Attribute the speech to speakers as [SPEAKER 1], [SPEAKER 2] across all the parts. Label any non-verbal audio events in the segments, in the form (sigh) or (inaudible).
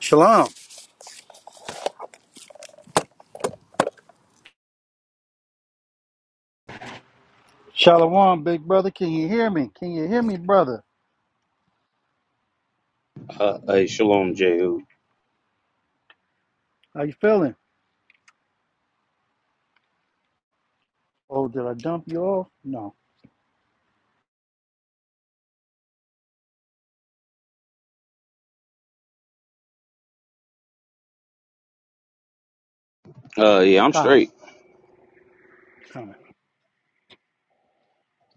[SPEAKER 1] Shalom. Shalom, big brother. Can you hear me? Can you hear me, brother?
[SPEAKER 2] Uh, hey, Shalom, Jehu.
[SPEAKER 1] How you feeling? Oh, did I dump you off? No.
[SPEAKER 2] Uh, yeah, I'm
[SPEAKER 1] Kind
[SPEAKER 2] straight.
[SPEAKER 1] of. Kind of.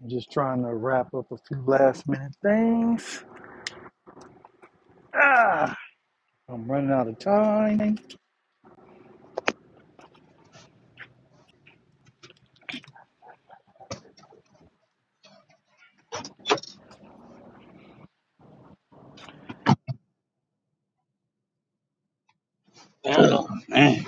[SPEAKER 1] I'm just trying to wrap up a few last minute things. Ah, I'm running out of time.
[SPEAKER 2] Oh, man.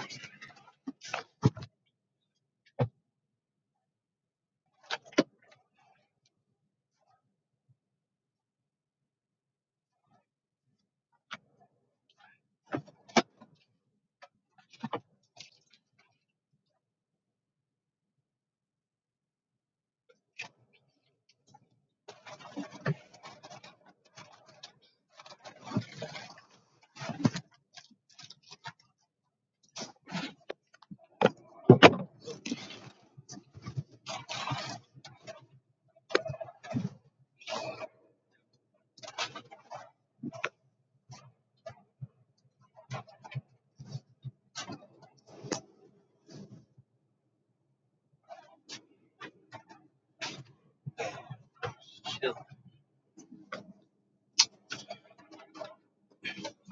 [SPEAKER 2] Chill.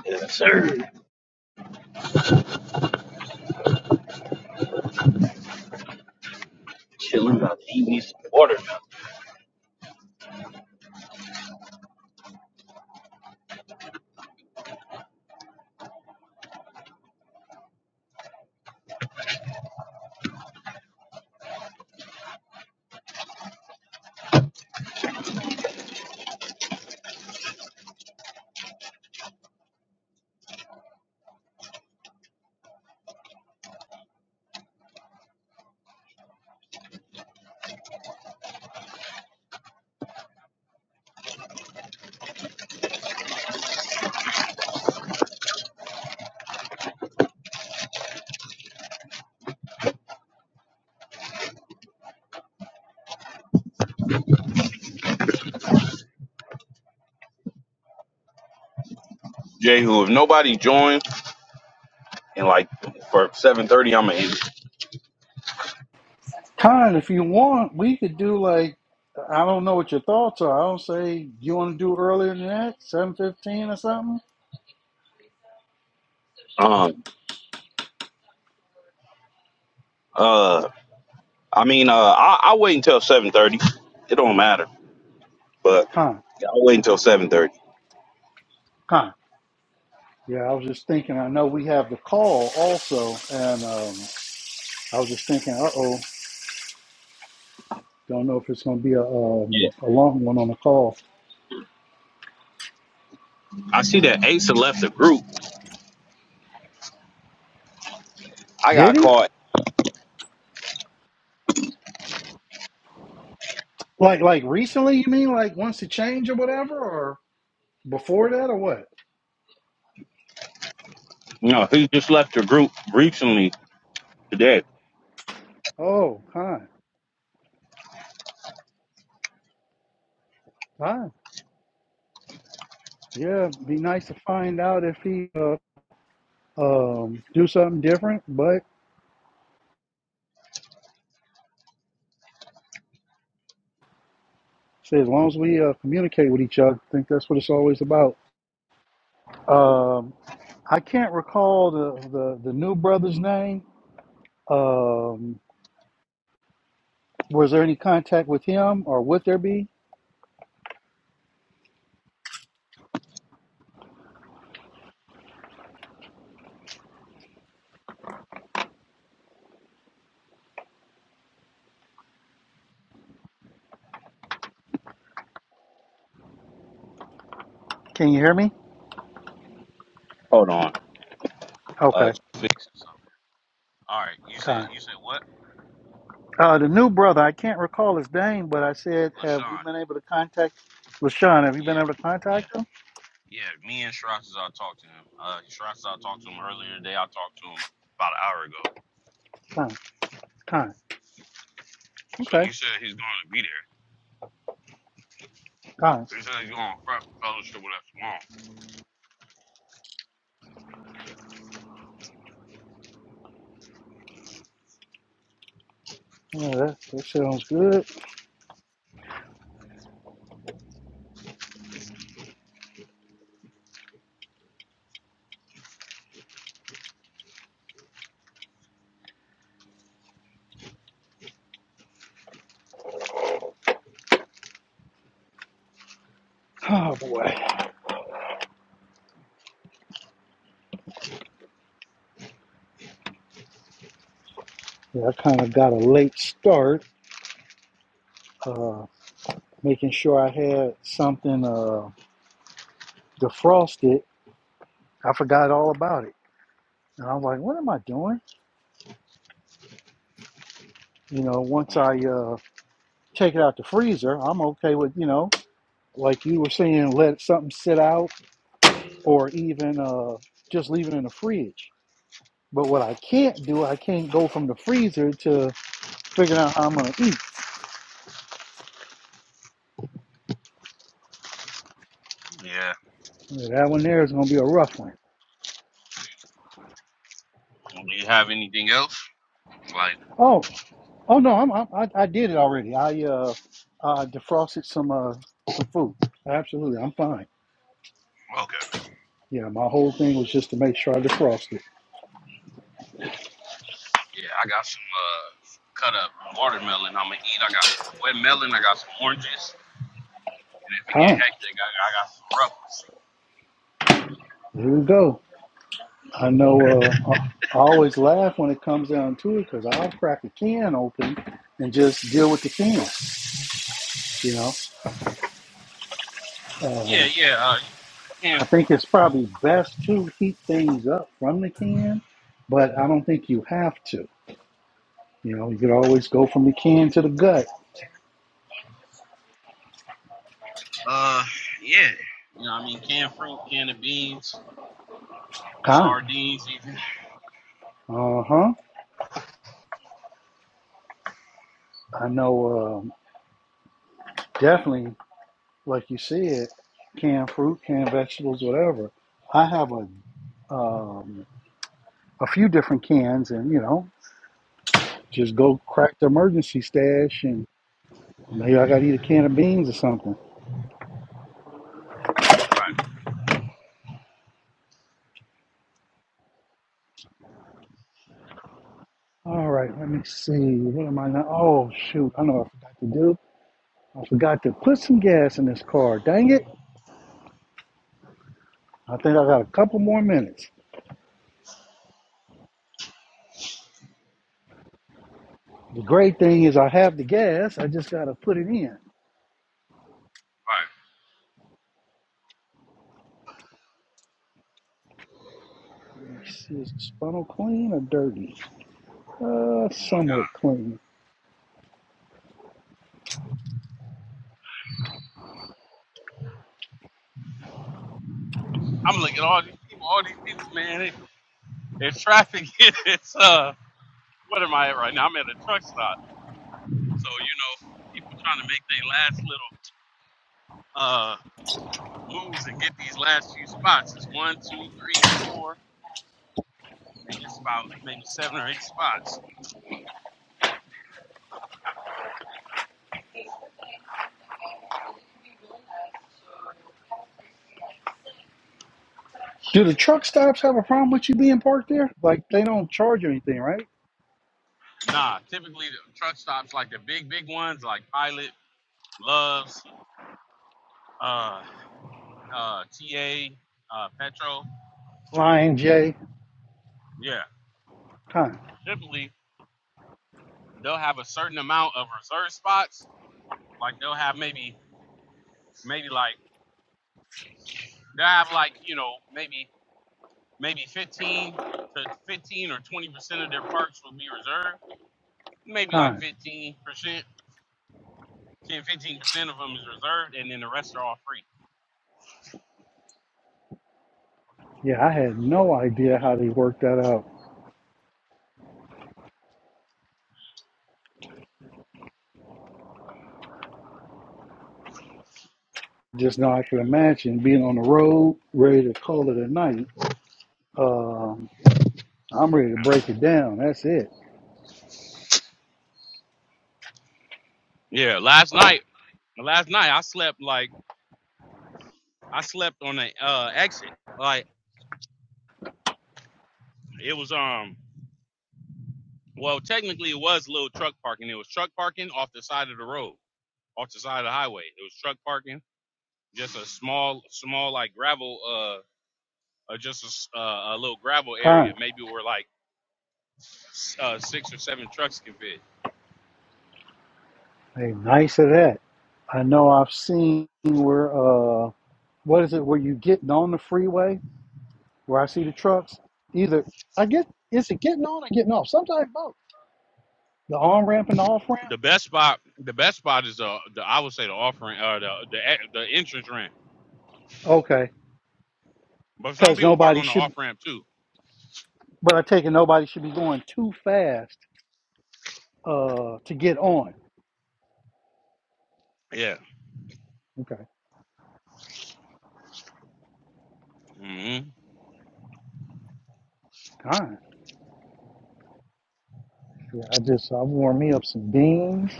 [SPEAKER 2] Yes, sir. Chilling about to eat me some water now. Jehu, if nobody joins in like for 7.30, I'm going to eat.
[SPEAKER 1] Kind, if you want, we could do like, I don't know what your thoughts are. I don't say, you want to do earlier than that? 7.15 or something?
[SPEAKER 2] Um, uh, I mean, uh, I, i wait until 7.30. It don't matter, but
[SPEAKER 1] Kind.
[SPEAKER 2] I'll wait until 7.30.
[SPEAKER 1] Kind. Yeah, I was just thinking, I know we have the call also, and um, I was just thinking, uh-oh. Don't know if it's gonna be a
[SPEAKER 2] Yeah.
[SPEAKER 1] um, a long one on the call.
[SPEAKER 2] I see that Asa left the group. I
[SPEAKER 1] Did
[SPEAKER 2] got
[SPEAKER 1] he?
[SPEAKER 2] caught.
[SPEAKER 1] Like like recently? You mean like once it changed or whatever, or before that or what?
[SPEAKER 2] No, he just left the group recently today.
[SPEAKER 1] Oh, kind, kind. Yeah, be nice to find out if he uh, um do something different. But say as long as we uh, communicate with each other, I think that's what it's always about. Um, I can't recall the the, the new brother's name. Um, was there any contact with him, or would there be? Can you hear me?
[SPEAKER 2] Hold on. Uh,
[SPEAKER 1] Okay,
[SPEAKER 2] fix something. All right. You said,
[SPEAKER 1] kind.
[SPEAKER 2] you said what?
[SPEAKER 1] Uh, the new brother, I can't recall his name, but I said, have we
[SPEAKER 2] LaShawn.
[SPEAKER 1] been able to contact LaShawn? Have you been able to
[SPEAKER 2] Yeah, Yeah.
[SPEAKER 1] contact him?
[SPEAKER 2] Yeah, me and Shirazazar talked to him. Uh, Shirazazar talked to him earlier today. I talked to him about an hour ago.
[SPEAKER 1] Time, time.
[SPEAKER 2] So
[SPEAKER 1] Okay,
[SPEAKER 2] he said he's going to be there.
[SPEAKER 1] time.
[SPEAKER 2] So He said he's going to front fellowship with us
[SPEAKER 1] Yeah, that, that sounds good. Oh, boy. Yeah, I kind of got a late start, uh, making sure I had something uh, defrosted. I forgot all about it. And I was like, what am I doing? You know, once
[SPEAKER 2] tomorrow.
[SPEAKER 1] I uh, take it out the freezer, I'm okay with, you know, like you were saying, let something sit out or even uh, just leave it in the fridge. But what I can't do, I can't go from the freezer to figuring out how I'm gonna eat.
[SPEAKER 2] Hmm. Yeah.
[SPEAKER 1] That one there is gonna be a rough one.
[SPEAKER 2] Do you have anything else? Like,
[SPEAKER 1] Oh, oh no, I'm, I'm, I I did it already. I uh, I defrosted some uh some food. Absolutely, I'm fine.
[SPEAKER 2] okay.
[SPEAKER 1] Yeah, my whole thing was just to make sure I defrosted.
[SPEAKER 2] Yeah, I got some uh, cut up watermelon I'm going to eat. I got some wet melon. I got some oranges. And if it get
[SPEAKER 1] Huh?
[SPEAKER 2] hectic, I, I got some ruffles.
[SPEAKER 1] Here we go. I know. Uh, I I always laugh when it comes down to it because I'll crack a can open and just deal with the can. You know. Uh,
[SPEAKER 2] Yeah, yeah. Uh, canned
[SPEAKER 1] I
[SPEAKER 2] food
[SPEAKER 1] think it's
[SPEAKER 2] is cool.
[SPEAKER 1] probably best to heat things up from the can, but I don't think you have to. You know, you could always go from the can to the gut.
[SPEAKER 2] Uh, yeah. You know what I mean? Canned fruit, canned beans,
[SPEAKER 1] Kind.
[SPEAKER 2] sardines even.
[SPEAKER 1] Uh huh. I know um, definitely, like you said, canned fruit, canned vegetables, whatever. I have a um, a few different cans, and you know, just go crack the emergency stash, and maybe I got to eat a can of beans or something.
[SPEAKER 2] Right,
[SPEAKER 1] All right, let me see. What am I not? Oh shoot, I know what I forgot to do. I forgot to put some gas in this car. Dang it. I think I got a couple more minutes. The great thing is I have the gas. I just got to put it in.
[SPEAKER 2] right.
[SPEAKER 1] Let me see, is the funnel clean or dirty? Uh,
[SPEAKER 2] Oh my
[SPEAKER 1] somewhat
[SPEAKER 2] god.
[SPEAKER 1] clean.
[SPEAKER 2] I'm looking at all these people, all these people, man. They, they're traffic. (laughs) It's uh, what am I at right now? I'm at a truck stop. So you know, people trying to make their last little uh moves and get these last few spots. It's one, two, three, four. Maybe it's about maybe seven or eight spots.
[SPEAKER 1] Do the truck stops have a problem with you being parked there? Like they don't charge you anything, right?
[SPEAKER 2] Nah, typically the truck stops like the big, big ones like Pilot, Loves, uh, uh, TA, uh, Petro.
[SPEAKER 1] Lion J.
[SPEAKER 2] Yeah,
[SPEAKER 1] Time.
[SPEAKER 2] typically they'll have a certain amount of reserve spots. Like they'll have maybe maybe like they have like you know maybe maybe 15 to 15 or 20 percent of their parks will be reserved maybe like
[SPEAKER 1] Time.
[SPEAKER 2] 15 percent 10 15 percent of them is reserved and then the rest are all free
[SPEAKER 1] Yeah, I had no idea how they worked that out. Just now I can imagine being on the road, ready to call it a night. Um, I'm ready to
[SPEAKER 2] Um,
[SPEAKER 1] break it down. That's it.
[SPEAKER 2] yeah last night last night i slept like i slept on the uh exit like it was um well technically it was little truck parking it was truck parking off the side of the road off the side of the highway it was truck parking just a small small like gravel uh. or just a, s- uh, a little gravel area,
[SPEAKER 1] Time.
[SPEAKER 2] maybe where like s- uh, six or seven trucks can fit.
[SPEAKER 1] Hey, nice of that. I know I've seen where uh what is it where you getting on the freeway where I see the trucks? Either I get is it getting on or getting off? Sometimes both. The on ramp and the off ramp.
[SPEAKER 2] The best spot, the best spot is uh, the I would say the off ramp, uh, the the e- the entrance ramp.
[SPEAKER 1] Okay.
[SPEAKER 2] But some
[SPEAKER 1] Because
[SPEAKER 2] people park
[SPEAKER 1] nobody
[SPEAKER 2] on the
[SPEAKER 1] should
[SPEAKER 2] off ramp too.
[SPEAKER 1] but I take it nobody should be going too fast uh to get on.
[SPEAKER 2] Yeah.
[SPEAKER 1] Okay.
[SPEAKER 2] hmm
[SPEAKER 1] Kind. Yeah, I just I warm me up some beans,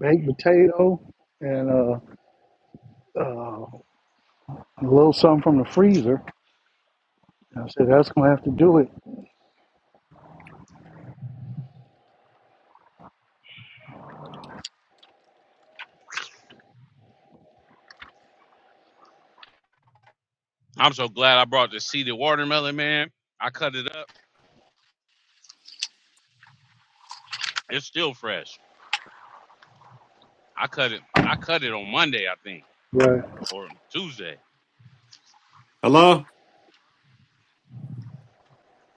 [SPEAKER 1] baked potato, and uh uh a little something from the freezer. I said that's gonna have to do it.
[SPEAKER 2] I'm so glad I brought the seeded watermelon, man. I cut it up. It's still fresh. I cut it. I cut it on Monday, I think,
[SPEAKER 1] Right.
[SPEAKER 2] or Tuesday.
[SPEAKER 3] Hello?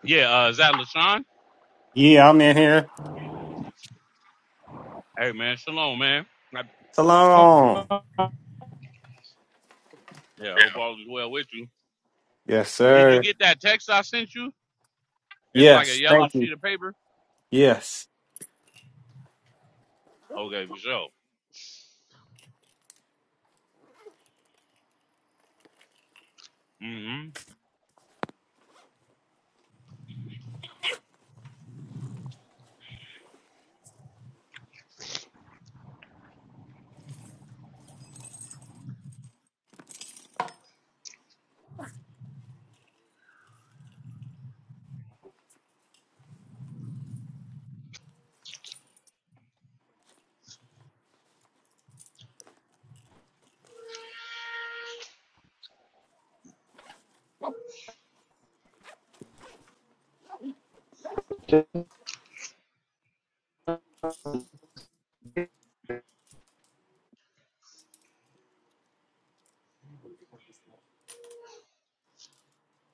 [SPEAKER 2] Yeah. Uh, is that Lashawn?
[SPEAKER 3] Yeah, I'm in here.
[SPEAKER 2] Hey, man. Shalom, man. I,
[SPEAKER 3] Salon.
[SPEAKER 2] yeah. Hope all is well with you.
[SPEAKER 3] Yes,
[SPEAKER 2] Did you
[SPEAKER 3] sir.
[SPEAKER 2] get that text I sent you? It's like a
[SPEAKER 3] Yes,
[SPEAKER 2] yellow
[SPEAKER 3] thank you.
[SPEAKER 2] sheet of paper.
[SPEAKER 3] Yes.
[SPEAKER 2] Okay, for sure. hmm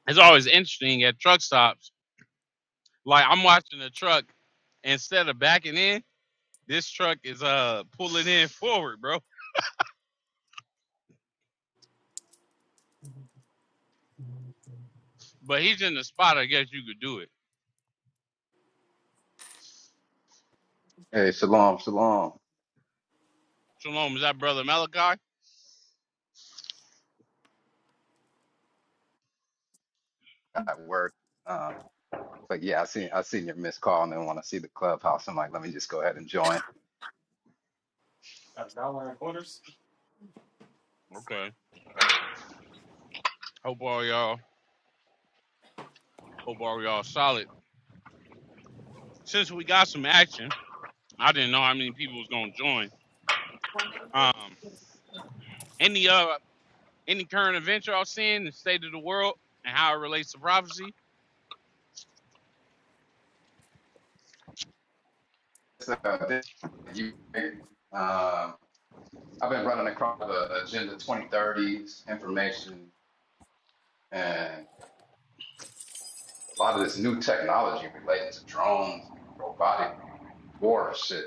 [SPEAKER 2] It's always interesting at truck stops. Like I'm watching a truck instead of backing in, this truck is uh pulling in forward, bro. But he's in the spot. I guess you could do it.
[SPEAKER 4] Hey, shalom, shalom.
[SPEAKER 2] Shalom, is that brother Malachi?
[SPEAKER 4] At work. Um, but yeah, I seen I seen your missed call and then when I see the clubhouse, I'm like, let me just go ahead and join.
[SPEAKER 2] Okay. Hope all y'all. Hope all y'all solid. Since we got some action, I didn't know how many people was gonna join. Um, any uh, any current event y'all seeing, the state of the world, and how it relates to prophecy?
[SPEAKER 4] So, (laughs) uh, you, um, I've been running across the Agenda 2030s information and a lot of this new technology related to drones, and robotic war shit.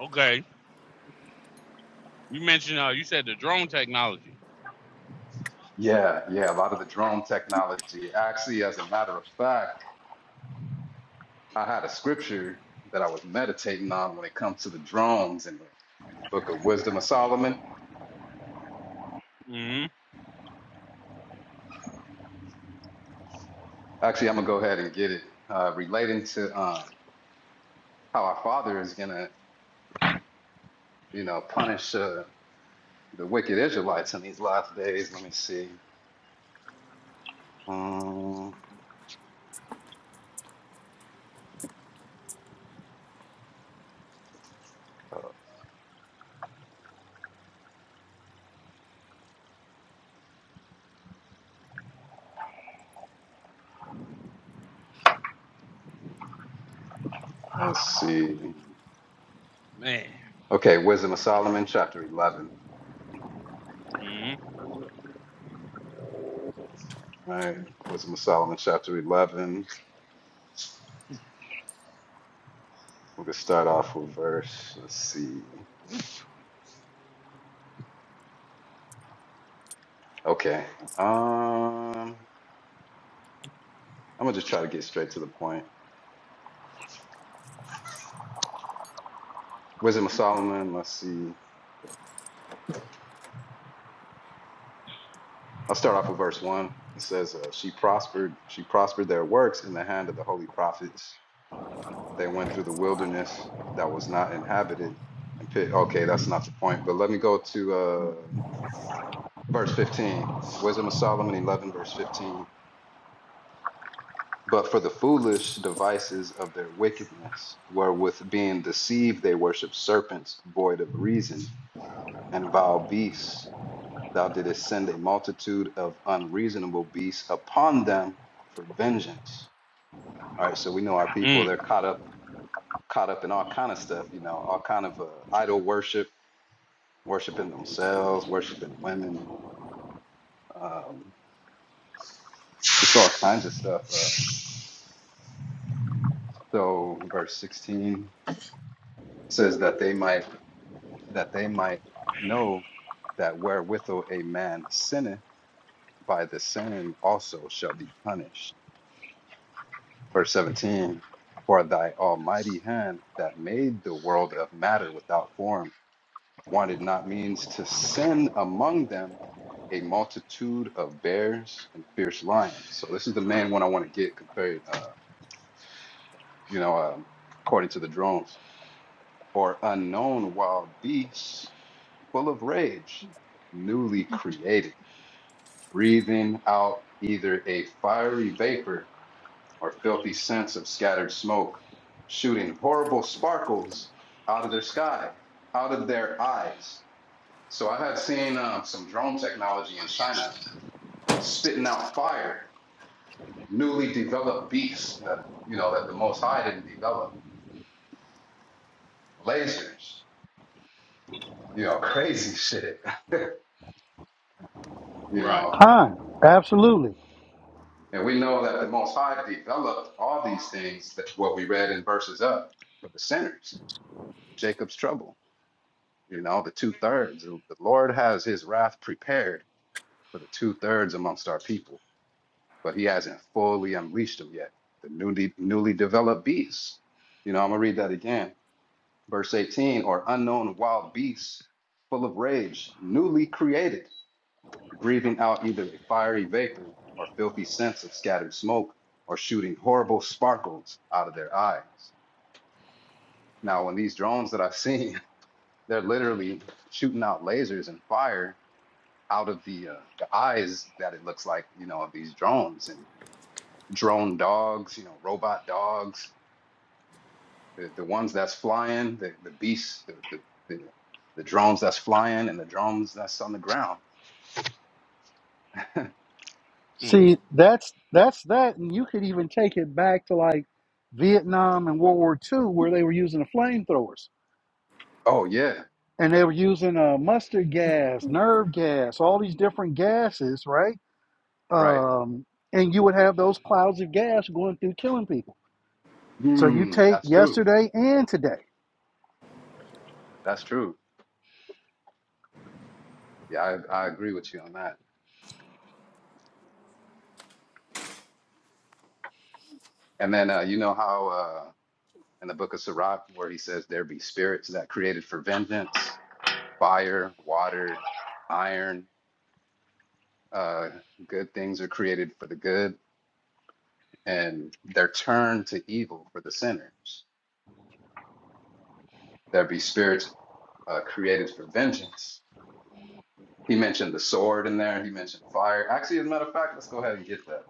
[SPEAKER 2] Okay You mentioned uh, you said the drone technology.
[SPEAKER 4] Yeah, yeah, a lot of the drone technology. Actually, as a matter of fact. I had a scripture that I was meditating on when it comes to the drones in the, the book of Wisdom of Solomon.
[SPEAKER 2] Mm
[SPEAKER 4] Actually, I'm gonna go ahead and get it uh, relating to um, how our Father is gonna, you know, punish uh, the wicked Israelites in these last days. Let me see. Um, uh, let's see.
[SPEAKER 2] man.
[SPEAKER 4] Okay, Wisdom of Solomon, chapter 11.
[SPEAKER 2] Mm
[SPEAKER 4] All right, Wisdom of Solomon, chapter 11. We're gonna start off with verse. Let's see. Okay. Um. I'm gonna just try to get straight to the point. Wisdom of Solomon. Let's see. I'll start off with verse one. It says, uh, "She prospered. She prospered their works in the hand of the holy prophets. They went through the wilderness that was not inhabited." And pit. Okay, that's not the point. But let me go to uh, verse 15. Wisdom of Solomon 11, verse 15. But for the foolish devices of their wickedness, wherewith being deceived they worship serpents void of reason and vile beasts Thou didst send a multitude of unreasonable beasts upon them for vengeance. All right, so we know our people,
[SPEAKER 2] mm.
[SPEAKER 4] they're caught up caught up in all kind of stuff, you know, all kind of uh, idol worship, worshiping themselves, worshiping women, um, just all kinds of stuff. Uh, so verse 16 says that they might that they might know that wherewithal a man sinneth by the same also shall be punished. Verse 17 For thy almighty hand that made the world of matter without form wanted not means to send among them a multitude of bears and fierce lions. So, this is the main one I want to get compared, uh, you know, um, according to the drones, or unknown wild beasts full of rage, newly created, breathing out either a fiery vapor or filthy scents of scattered smoke, shooting horrible sparkles out of their sky, out of their eyes. So I have seen um, some drone technology in China spitting out fire, newly developed beasts that you know that the Most High didn't develop, lasers, you know, crazy shit, (laughs) you
[SPEAKER 2] Right.
[SPEAKER 4] know.
[SPEAKER 1] Time, absolutely.
[SPEAKER 4] And we know that the Most High developed all these things that what we read in verses up for the sinners, Jacob's trouble. you know, the two thirds. The Lord has his wrath prepared for the two thirds amongst our people, but he hasn't fully unleashed them yet. The newly newly developed beasts. You know, I'm gonna read that again. Verse 18, or unknown wild beasts full of rage, newly created, breathing out either a fiery vapor or filthy scents of scattered smoke, or shooting horrible sparkles out of their eyes. Now, when these drones that I've seen, (laughs) they're literally shooting out lasers and fire out of the uh, the eyes that it looks like you know of these drones and drone dogs you know robot dogs the, the ones that's flying the the beasts the, the the the drones that's flying and the drones that's on the ground (laughs)
[SPEAKER 2] Mm.
[SPEAKER 1] See, that's that's that, and you could even take it back to like Vietnam and World War Two, where they were using the flamethrowers
[SPEAKER 4] oh yeah
[SPEAKER 1] and they were using uh, mustard gas, nerve gas, all these different gases, right?
[SPEAKER 4] right
[SPEAKER 1] Um, and you would have those clouds of gas going through, killing people. So you
[SPEAKER 4] hmm
[SPEAKER 1] take
[SPEAKER 4] that's true
[SPEAKER 1] yesterday and today.
[SPEAKER 4] that's true yeah I, I agree with you on that and then uh, you know how uh, in the book of Sirach where he says there be spirits that created for vengeance fire water iron Uh, good things are created for the good, and they're turned to evil for the sinners. There be spirits uh, created for vengeance. He mentioned the sword in there. He mentioned fire. Actually, as a matter of fact, let's go ahead and get that.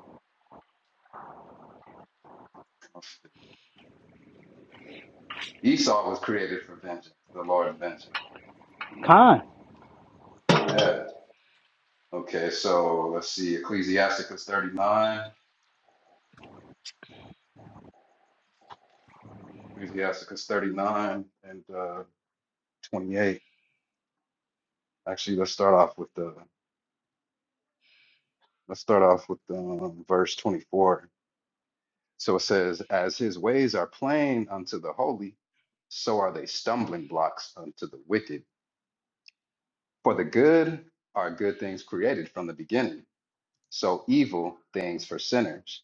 [SPEAKER 4] Esau was created for vengeance, the Lord of vengeance.
[SPEAKER 1] Time,
[SPEAKER 4] Yeah. Okay, so let's see. Ecclesiasticus 39. Ecclesiasticus 39 and uh, 28. Actually, let's start off with the let's start off with um, verse 24. So it says, As his ways are plain unto the holy, so are they stumbling blocks unto the wicked. For the good are good things created from the beginning, so evil things for sinners.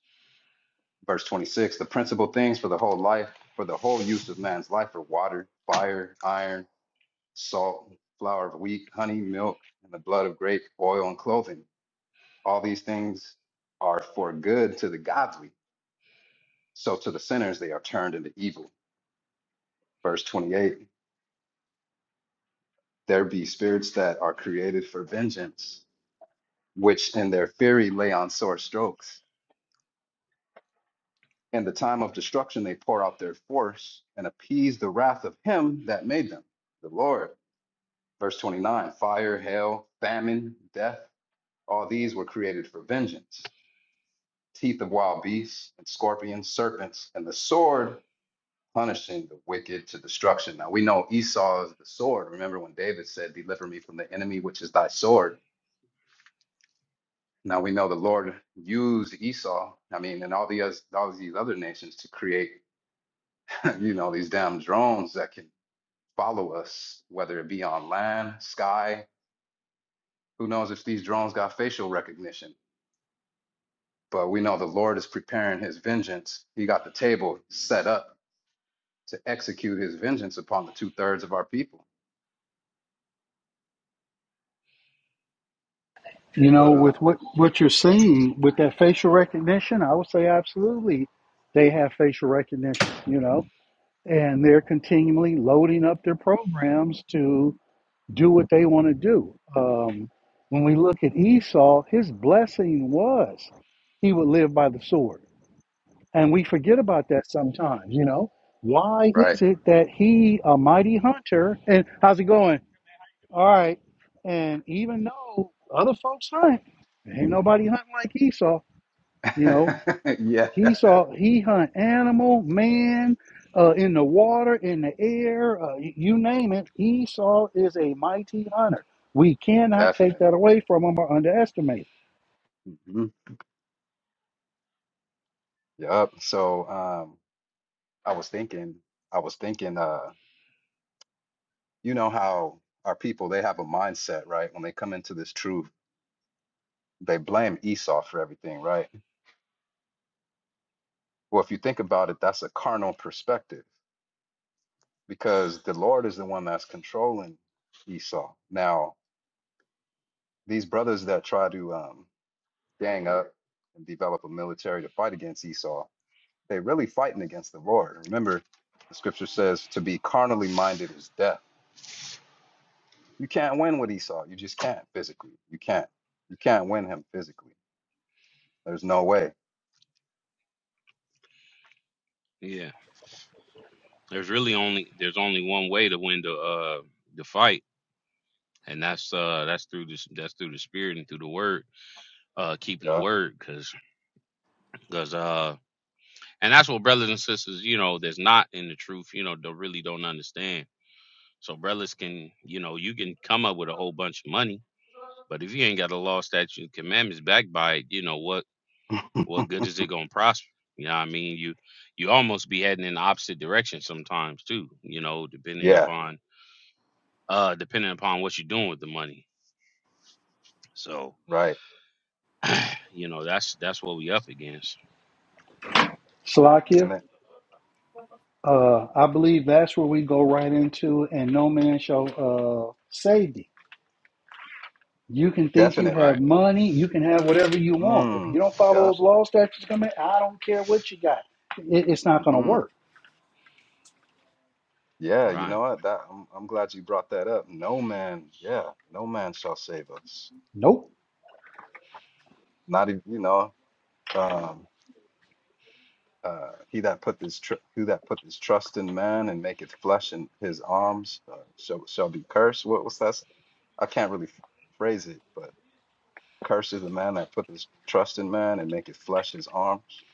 [SPEAKER 4] Verse 26 The principal things for the whole life, for the whole use of man's life are water, fire, iron, salt, flour of wheat, honey, milk, and the blood of grape, oil, and clothing. All these things are for good to the godly, so to the sinners they are turned into evil. Verse 28 There be spirits that are created for vengeance, which in their fury lay on sore strokes. In the time of destruction, they pour out their force and appease the wrath of him that made them, the Lord. Verse 29 Fire, hail, famine, death, all these were created for vengeance. Teeth of wild beasts and scorpions, serpents, and the sword punishing the wicked to destruction. Now we know Esau is the sword. Remember when David said, Deliver me from the enemy, which is thy sword Now we know the Lord used Esau, I mean, and all the oth- all these other nations to create, (laughs) you know, these damn drones that can follow us, whether it be on land, sky. Who knows if these drones got facial recognition? But we know the Lord is preparing His vengeance. He got the table set up to execute His vengeance upon the two thirds of our people.
[SPEAKER 1] you know,
[SPEAKER 4] But uh,
[SPEAKER 1] with what what you're seeing with that facial recognition, I would say absolutely, they have facial recognition. You know and they're continually loading up their programs to do what they want to do. Um, when we look at Esau, his blessing was he would live by the sword. And we forget about that sometimes, you know. Why
[SPEAKER 4] right,
[SPEAKER 1] is it that he, a mighty hunter, and how's it going? All right. And even though other folks hunt, ain't nobody hunting like Esau, you know,
[SPEAKER 4] (laughs) yeah,
[SPEAKER 1] he saw he hunt animal, man, uh, in the water, in the air, uh, you name it. Esau is a mighty hunter. We cannot take that
[SPEAKER 4] definitely.
[SPEAKER 1] away from him or underestimate. it.
[SPEAKER 4] hmm Yep. So um, I was thinking, I was thinking. Uh, you know how our people they have a mindset right when they come into this truth they blame esau for everything right well if you think about it that's a carnal perspective because the lord is the one that's controlling esau now these brothers that try to um, gang up and develop a military to fight against esau they are really fighting against the lord remember the scripture says to be carnally minded is death you can't win with esau you just can't physically you can't you can't win him physically there's no way
[SPEAKER 2] Yeah. There's really only there's only one way to win the uh the fight, and that's uh that's through this that's through the spirit and through the word, uh keeping the word, cause cause uh and that's what brothers and sisters you know that's not in the truth you know they really don't understand. So brothers can you know you can come up with a whole bunch of money, but if you ain't got a law, statute, and commandments backed by it, you know what
[SPEAKER 4] (laughs)
[SPEAKER 2] what good is it gonna prosper? You know what I mean? You you almost be heading in the opposite direction sometimes too, you know, depending
[SPEAKER 4] Yeah,
[SPEAKER 2] upon uh depending upon what you're doing with the money. So,
[SPEAKER 4] right.
[SPEAKER 2] you know, that's that's what we up against.
[SPEAKER 4] And
[SPEAKER 1] Salakia,
[SPEAKER 4] then
[SPEAKER 1] uh, I believe that's where we go right into, and no man shall uh, save thee. You can think you
[SPEAKER 4] definitely.
[SPEAKER 1] have
[SPEAKER 2] Right,
[SPEAKER 1] money, you can have whatever you want. If you
[SPEAKER 4] Mm,
[SPEAKER 1] don't
[SPEAKER 4] yeah.
[SPEAKER 1] follow those law statutes, come in, I don't care what you got. It, it's not going to
[SPEAKER 4] hmm
[SPEAKER 1] work.
[SPEAKER 4] Yeah, you
[SPEAKER 2] right.
[SPEAKER 4] know what? That I'm I'm glad you brought that up. No man, yeah, no man shall save us.
[SPEAKER 1] Nope.
[SPEAKER 4] Not even, you know, um uh he that put this tr who that put this trust in man and maketh flesh in his arms uh, shall shall be cursed. What was that? s- I can't really f- phrase it, but cursed is the man that put his trust in man and maketh flesh his arms,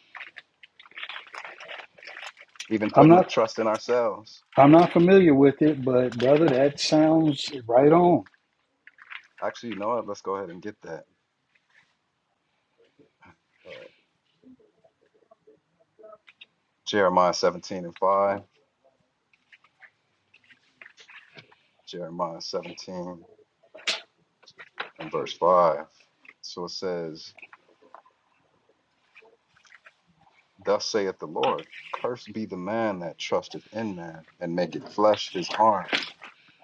[SPEAKER 4] even
[SPEAKER 1] I'm
[SPEAKER 4] putting the
[SPEAKER 1] not.
[SPEAKER 4] trust in ourselves.
[SPEAKER 1] I'm not familiar with it, but brother, that sounds right on.
[SPEAKER 4] Actually, you know what? Let's go ahead and get that. Uh, Jeremiah 17 and 5. Jeremiah 17 and verse 5. So it says, Thus saith the Lord, Cursed be the man that trusteth in man, and maketh flesh his arm,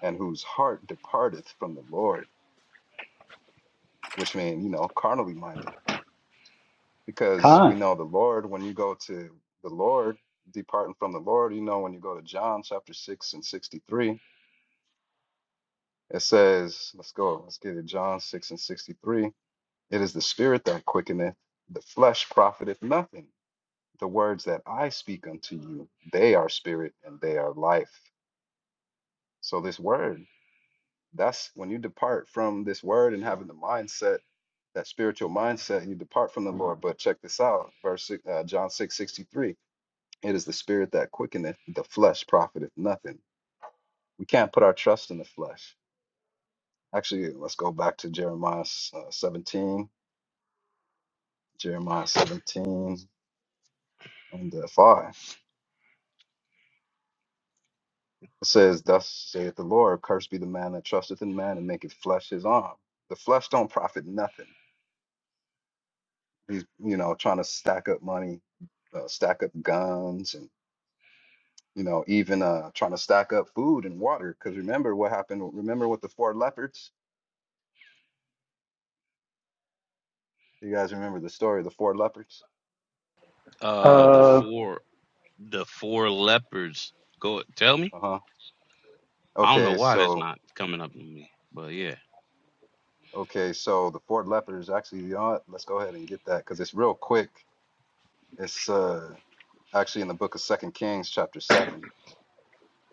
[SPEAKER 4] and whose heart departeth from the Lord, which means, you know, carnally minded. Because we
[SPEAKER 1] Khan.
[SPEAKER 4] know the Lord, when you go to the Lord, departing from the Lord, you know, when you go to John chapter 6 and 63, it says, let's go, let's get it, John 6 and 63 It is the spirit that quickeneth, the flesh profiteth nothing. The words that I speak unto you, they are spirit and they are life. So, this word, that's when you depart from this word and having the mindset, that spiritual mindset, you depart from the Lord. But check this out, verse six- uh, John six sixty three. It is the spirit that quickeneth, the flesh profiteth nothing. We can't put our trust in the flesh. Actually, let's go back to Jeremiah uh, 17, Jeremiah 17 and uh, 5. It says, Thus saith the Lord, cursed be the man that trusteth in man and maketh flesh his arm. The flesh don't profit nothing. He's, you know, trying to stack up money, uh, stack up guns, and, you know, even uh, trying to stack up food and water. Because remember what happened, remember with the four leopards? You guys remember the story of the four leopards?
[SPEAKER 2] Uh the
[SPEAKER 1] Uh,
[SPEAKER 2] four the four leopards go tell me.
[SPEAKER 4] Uh huh.
[SPEAKER 2] I don't know
[SPEAKER 4] Okay,
[SPEAKER 2] why that's
[SPEAKER 4] so,
[SPEAKER 2] not coming up to me. But yeah.
[SPEAKER 4] okay, so the four leopards actually, you know what? Let's go ahead and get that because it's real quick. It's uh, actually in the book of Second Kings, chapter 7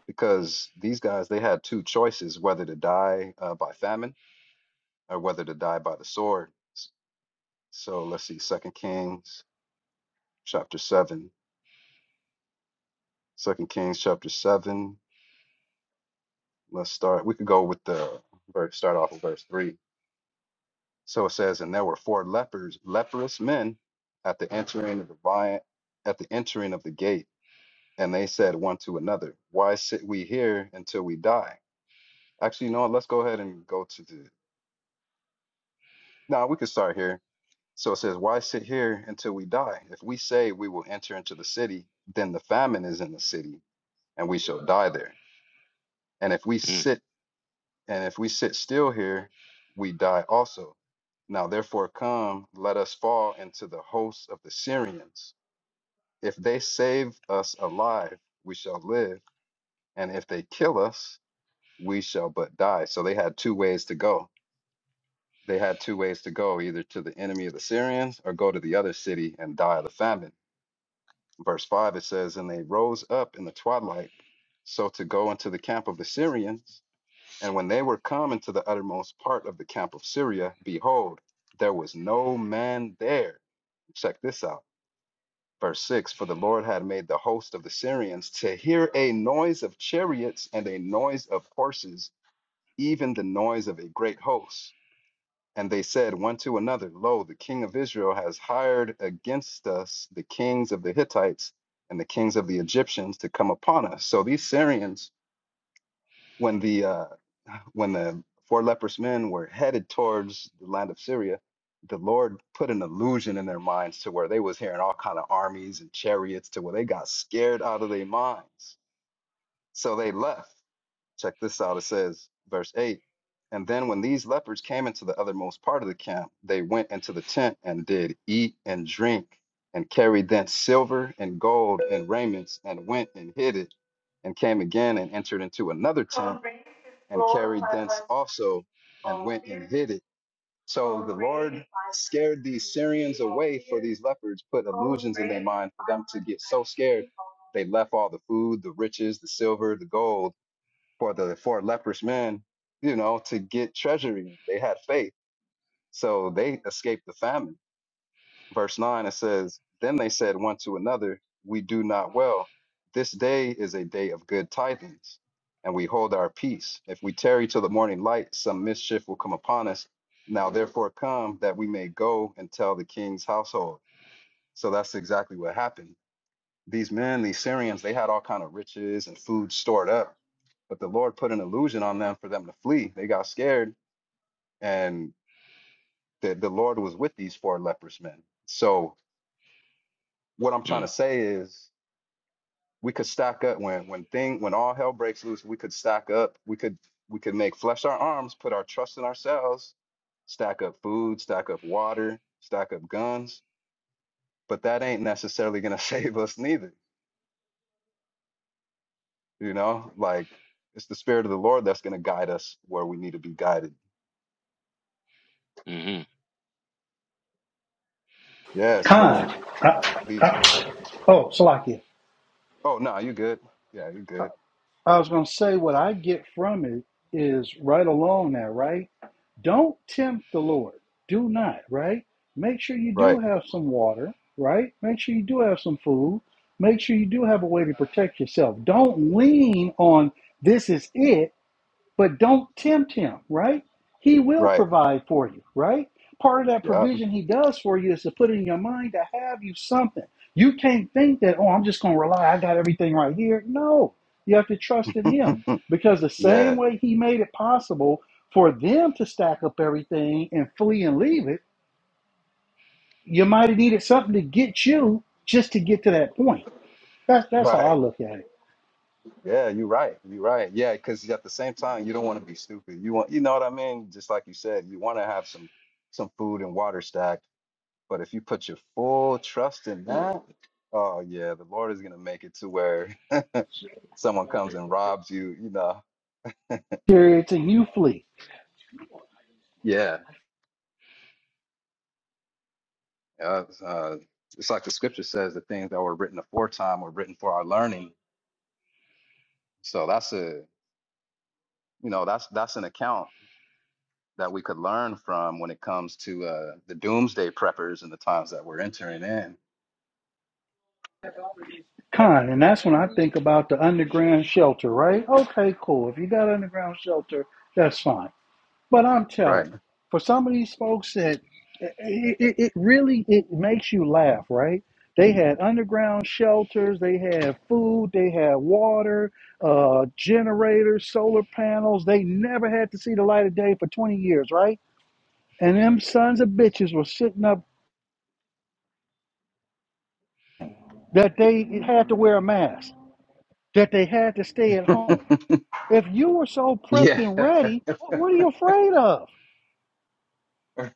[SPEAKER 4] because these guys they had two choices whether to die uh, by famine or whether to die by the sword S- so let's see 2nd kings chapter seven. Second kings chapter 7 second kings chapter 7 let's start we could go with the verse start off with verse 3 so it says and there were four lepers leprous men at the entering of the vi- at the entering of the gate and they said one to another why sit we here until we die actually you know what? let's go ahead and go to the no we could start here So it says, Why sit here until we die? If we say we will enter into the city, then the famine is in the city, and we shall die there. And if we
[SPEAKER 2] Mm,
[SPEAKER 4] sit and if we sit still here, we die also. Now therefore come, let us fall into the hosts of the Syrians. If they save us alive, we shall live, and if they kill us, we shall but die. So they had two ways to go. They had two ways to go, either to the enemy of the Syrians or go to the other city and die of the famine Verse 5, it says, And they rose up in the twilight, so to go into the camp of the Syrians. And when they were come into the uttermost part of the camp of Syria, behold, there was no man there. Check this out. Verse 6 For the Lord had made the host of the Syrians to hear a noise of chariots and a noise of horses, even the noise of a great host. And they said one to another, Lo, the king of Israel has hired against us the kings of the Hittites and the kings of the Egyptians to come upon us. So these Syrians, when the uh, when the four leprous men were headed towards the land of Syria, the Lord put an illusion in their minds to where they was hearing all kind of armies and chariots to where they got scared out of their minds. So they left. Check this out. It says, verse 8 And then when these lepers came into the othermost part of the camp, they went into the tent and did eat and drink and carried thence silver and gold and raiments and went and hid it and came again and entered into another tent and carried thence also and went and hid it. So the Lord scared these Syrians away for these leopards, put illusions in their mind for them to get so scared. They left all the food, the riches, the silver, the gold for the four leprous men, you know, to get treasury. They had faith, so they escaped the famine. Verse nine it says, "Then they said one to another, We do not well. This day is a day of good tidings, and we hold our peace. If we tarry till the morning light, some mischief will come upon us. Now therefore come that we may go and tell the king's household." So that's exactly what happened these men, these Syrians, they had all kind of riches and food stored up, but the Lord put an illusion on them for them to flee. They got scared, and the, the Lord was with these four leprous men. So what I'm trying
[SPEAKER 2] mm,
[SPEAKER 4] to say is, we could stack up when when thing when all hell breaks loose. We could stack up. We could we could make flesh our arms, put our trust in ourselves, stack up food, stack up water, stack up guns, but that ain't necessarily going to (laughs) save us neither. You know, like it's the spirit of the Lord that's going to guide us where we need to be guided.
[SPEAKER 2] mm-hmm.
[SPEAKER 4] Yeah.
[SPEAKER 1] Khan.
[SPEAKER 4] So
[SPEAKER 1] I,
[SPEAKER 4] these.
[SPEAKER 1] I, oh, Salakia.
[SPEAKER 4] Oh no, you good? Yeah, you good.
[SPEAKER 1] I was going to say what I get from it is right along that, right? Don't tempt the Lord. Do not, right? Make sure you do
[SPEAKER 4] Right.
[SPEAKER 1] have some water, right? Make sure you do have some food. Make sure you do have a way to protect yourself. Don't lean on this is it But don't tempt him, right? He will
[SPEAKER 4] Right.
[SPEAKER 1] provide for you, right? Part of that
[SPEAKER 4] Yeah.
[SPEAKER 1] provision he does for you is to put in your mind to have you something. You can't think that, oh, I'm just going to rely. I got everything right here. No, you have to trust in him
[SPEAKER 4] (laughs)
[SPEAKER 1] because the same
[SPEAKER 4] yeah.
[SPEAKER 1] way he made it possible for them to stack up everything and flee and leave it, you might have needed something to get you just to get to that point. That's, that's how I
[SPEAKER 4] Right.
[SPEAKER 1] look at it.
[SPEAKER 4] Yeah. You right. You right. Yeah. Because at the same time, you don't want to be stupid. You want. You know what I mean? Just like you said, you want to have some some food and water stacked. But if you put your full trust in that, oh yeah, the Lord is going to make it to where (laughs) someone comes and robs you. You know.
[SPEAKER 1] Chariots and you flee.
[SPEAKER 4] Yeah. Uh, uh, it's like the scripture says, the things that were written aforetime were written for our learning. So that's a, you know, that's that's an account that we could learn from when it comes to uh, the doomsday preppers and the times that we're entering in.
[SPEAKER 1] Con, and that's when I think about the underground shelter, right? Okay, cool. If you got underground shelter, that's fine. But I'm telling
[SPEAKER 4] Right.
[SPEAKER 1] you, for some of these folks that it, it, it really it makes you laugh, right? They had underground shelters, they had food, they had water, uh, generators, solar panels. They never had to see the light of day for 20 years, right? And them sons of bitches were sitting up that they had to wear a mask, that they had to stay at
[SPEAKER 4] (laughs)
[SPEAKER 1] home If you were so prepped
[SPEAKER 4] Yeah.
[SPEAKER 1] and
[SPEAKER 4] (laughs)
[SPEAKER 1] ready, what, what are you afraid of?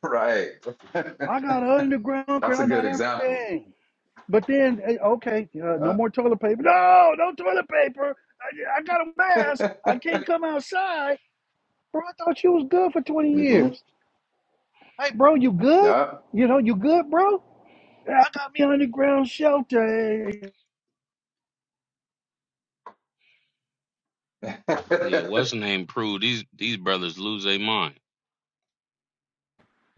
[SPEAKER 4] right. (laughs)
[SPEAKER 1] I got
[SPEAKER 4] that's
[SPEAKER 1] underground, current,
[SPEAKER 4] a
[SPEAKER 1] I got
[SPEAKER 4] good example.
[SPEAKER 1] everything. But then, eh, okay, uh, no
[SPEAKER 4] Yeah.
[SPEAKER 1] more toilet paper. No, no toilet paper. I, I got a mask.
[SPEAKER 4] (laughs)
[SPEAKER 1] I can't come outside. Bro, I thought you was good for 20
[SPEAKER 4] hmm
[SPEAKER 1] years. Hey, bro, you good?
[SPEAKER 4] Yeah.
[SPEAKER 1] You know, you good, bro? Yeah, I got me underground shelter. eh,
[SPEAKER 4] (laughs)
[SPEAKER 2] Yeah, what's the name Prue? These these brothers lose their mind.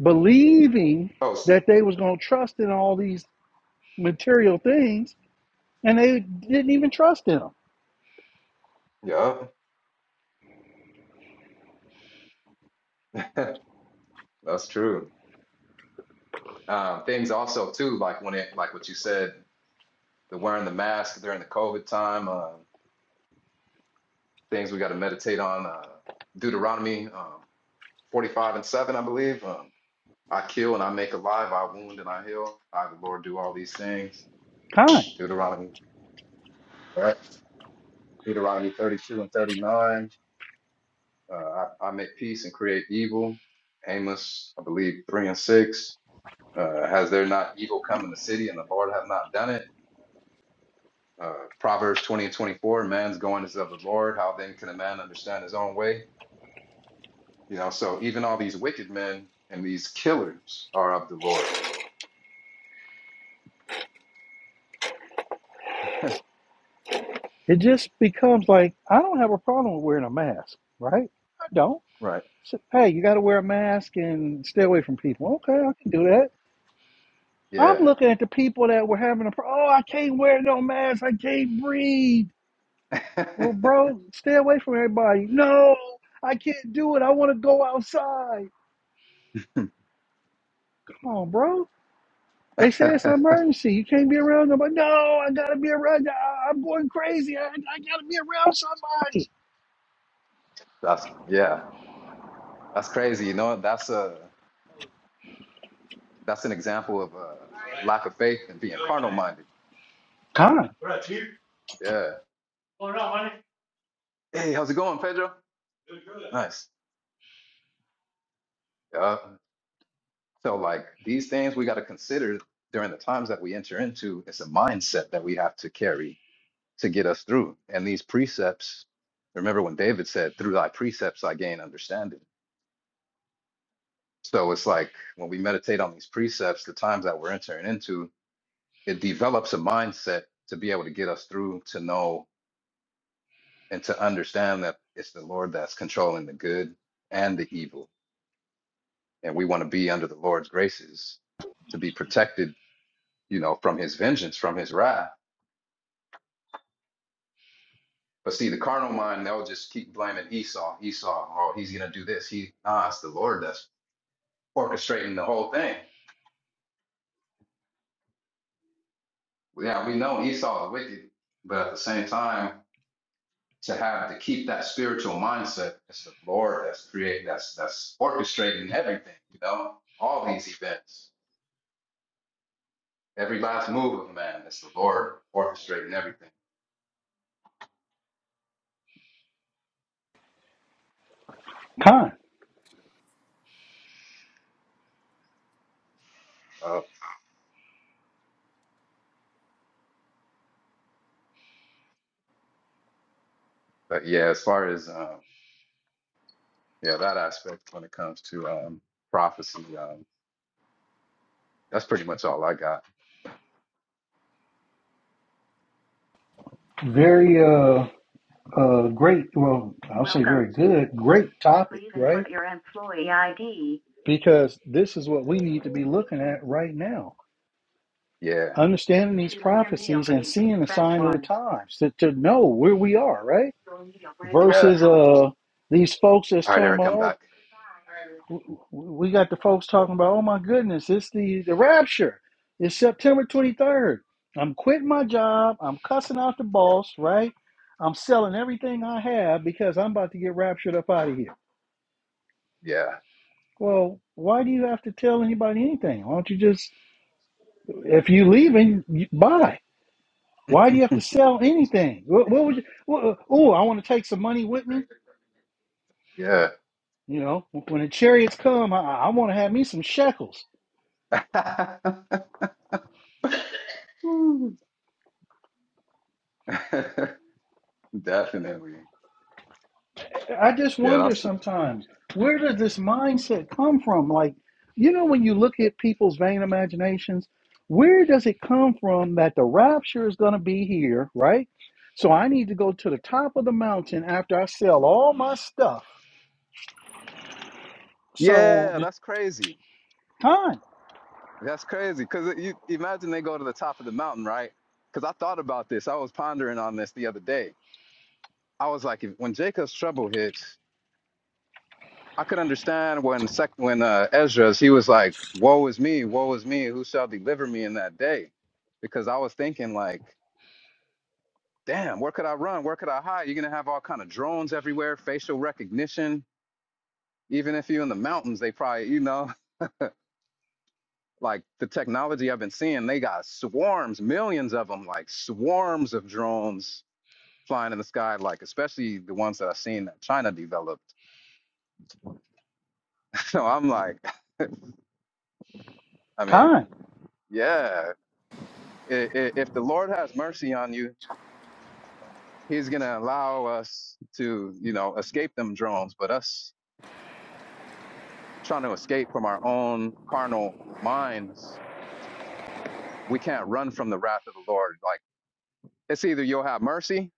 [SPEAKER 1] Believing
[SPEAKER 4] oh, s-
[SPEAKER 1] that they was going to trust in all these material things, and they didn't even trust in them.
[SPEAKER 4] yeah. (laughs) That's true. Um, things also too, like when it, like what you said the wearing the mask during the COVID time, uh, things we got to meditate on. Uh, Deuteronomy um, 45 and 7, I believe. Um, I kill and I make alive, I wound and I heal. I, the Lord, do all these things.
[SPEAKER 1] Kind.
[SPEAKER 4] Deuteronomy, right? Deuteronomy 32 and 39. Uh, I, I make peace and create evil. Amos, I believe, 3 and 6. Uh, has there not evil come in the city and the Lord have not done it? Uh, Proverbs 20 and 24, man's going is of the Lord. How then can a man understand his own way? You know, so even all these wicked men and these killers are of the Lord.
[SPEAKER 1] It just becomes like I don't have a problem with wearing a mask, right? I don't.
[SPEAKER 4] Right.
[SPEAKER 1] So, hey, you got to wear a mask and stay away from people. Okay, I can do that. I'm
[SPEAKER 4] Yeah.
[SPEAKER 1] looking at the people that were having a problem. oh, I can't wear no mask. I can't breathe.
[SPEAKER 4] (laughs)
[SPEAKER 1] Well, bro, stay away from everybody. No, I can't do it. I want to go outside. Come on, bro. They say it's an
[SPEAKER 4] That's
[SPEAKER 1] emergency. You can't be around nobody. No, I gotta be around. I, I'm going crazy. I, I gotta be around somebody.
[SPEAKER 4] yeah. That's crazy. You know, that's a that's an example of a lack of faith and being carnal minded.
[SPEAKER 1] Con,
[SPEAKER 4] Yeah. Hey, how's it going, Pedro? Nice. Yeah. So like these things we got to consider during the times that we enter into. It's a mindset that we have to carry to get us through. And these precepts, remember when David said, Through thy precepts I gain understanding. So it's like when we meditate on these precepts, the times that we're entering into, it develops a mindset to be able to get us through, to know and to understand that it's the Lord that's controlling the good and the evil. And we want to be under the Lord's graces to be protected, you know, from his vengeance, from his wrath. But see, the carnal mind, they'll just keep blaming Esau, Esau, oh, he's gonna do this. He nah, it's the Lord that's orchestrating the whole thing. Yeah, we know Esau is wicked, but at the same time, to have to keep that spiritual mindset, it's the Lord that's creating, that's that's orchestrating everything. You know, all these events, every last move of man, it's the Lord orchestrating everything.
[SPEAKER 1] con,
[SPEAKER 4] Uh, but yeah, as far as um, yeah that aspect when it comes to um, prophecy, um, that's pretty much all I got.
[SPEAKER 1] very uh. Uh, great. Well, I'll say
[SPEAKER 4] Welcome.
[SPEAKER 1] very good. Great topic,
[SPEAKER 4] Please
[SPEAKER 1] right?
[SPEAKER 4] input your employee ID
[SPEAKER 1] Because this is what we need to be looking at right now.
[SPEAKER 4] Yeah.
[SPEAKER 1] Understanding these
[SPEAKER 4] to end your meal
[SPEAKER 1] prophecies and
[SPEAKER 4] break.
[SPEAKER 1] seeing the
[SPEAKER 4] Press
[SPEAKER 1] sign of the
[SPEAKER 4] 1.
[SPEAKER 1] times to, to know where we are, right?
[SPEAKER 4] Yeah.
[SPEAKER 1] Versus uh these folks that's
[SPEAKER 4] All right,
[SPEAKER 1] talking
[SPEAKER 4] Eric,
[SPEAKER 1] about,
[SPEAKER 4] I'm
[SPEAKER 1] oh,
[SPEAKER 4] back.
[SPEAKER 1] w- w- we got the folks talking about, oh my goodness, it's the, the rapture. It's September 23rd. I'm quitting my job. I'm cussing out the boss, right? I'm selling everything I have because I'm about to get raptured up out of here
[SPEAKER 4] Yeah.
[SPEAKER 1] Well, why do you have to tell anybody anything? Why don't you just, if you leaving, you buy? Why do you have to sell anything? What, what would you? What, oh, I want to take some money with me.
[SPEAKER 4] Yeah.
[SPEAKER 1] You know, when the chariots come, I, I want to have me some shekels.
[SPEAKER 4] (laughs) Woo. (laughs) Definitely.
[SPEAKER 1] I just
[SPEAKER 4] Yeah,
[SPEAKER 1] wonder
[SPEAKER 4] that's
[SPEAKER 1] sometimes where does this mindset come from? Like, you know, when you look at people's vain imaginations, where does it come from that the rapture is going to be here, right? So I need to go to the top of the mountain after I sell all my stuff So
[SPEAKER 4] yeah,
[SPEAKER 1] the
[SPEAKER 4] that's crazy.
[SPEAKER 1] time,
[SPEAKER 4] That's crazy. Because you imagine they go to the top of the mountain, right? Because I thought about this. I was pondering on this the other day. I was like, if, when Jacob's trouble hits, I could understand when sec- when uh, Ezra's he was like, "Woe is me, woe is me, who shall deliver me in that day?" Because I was thinking like. damn, where could I run? Where could I hide? You're gonna have all kind of drones everywhere, facial recognition. Even if you're in the mountains, they probably, you know, (laughs) like the technology I've been seeing, they got swarms, millions of them, like swarms of drones flying in the sky, like especially the ones that I've seen that China developed. (laughs) So I'm like, (laughs) I mean,
[SPEAKER 1] time,
[SPEAKER 4] yeah, i- i- if the Lord has mercy on you, He's gonna allow us to, you know, escape them drones, but us trying to escape from our own carnal minds we can't run from the wrath of the Lord. Like it's either you'll have mercy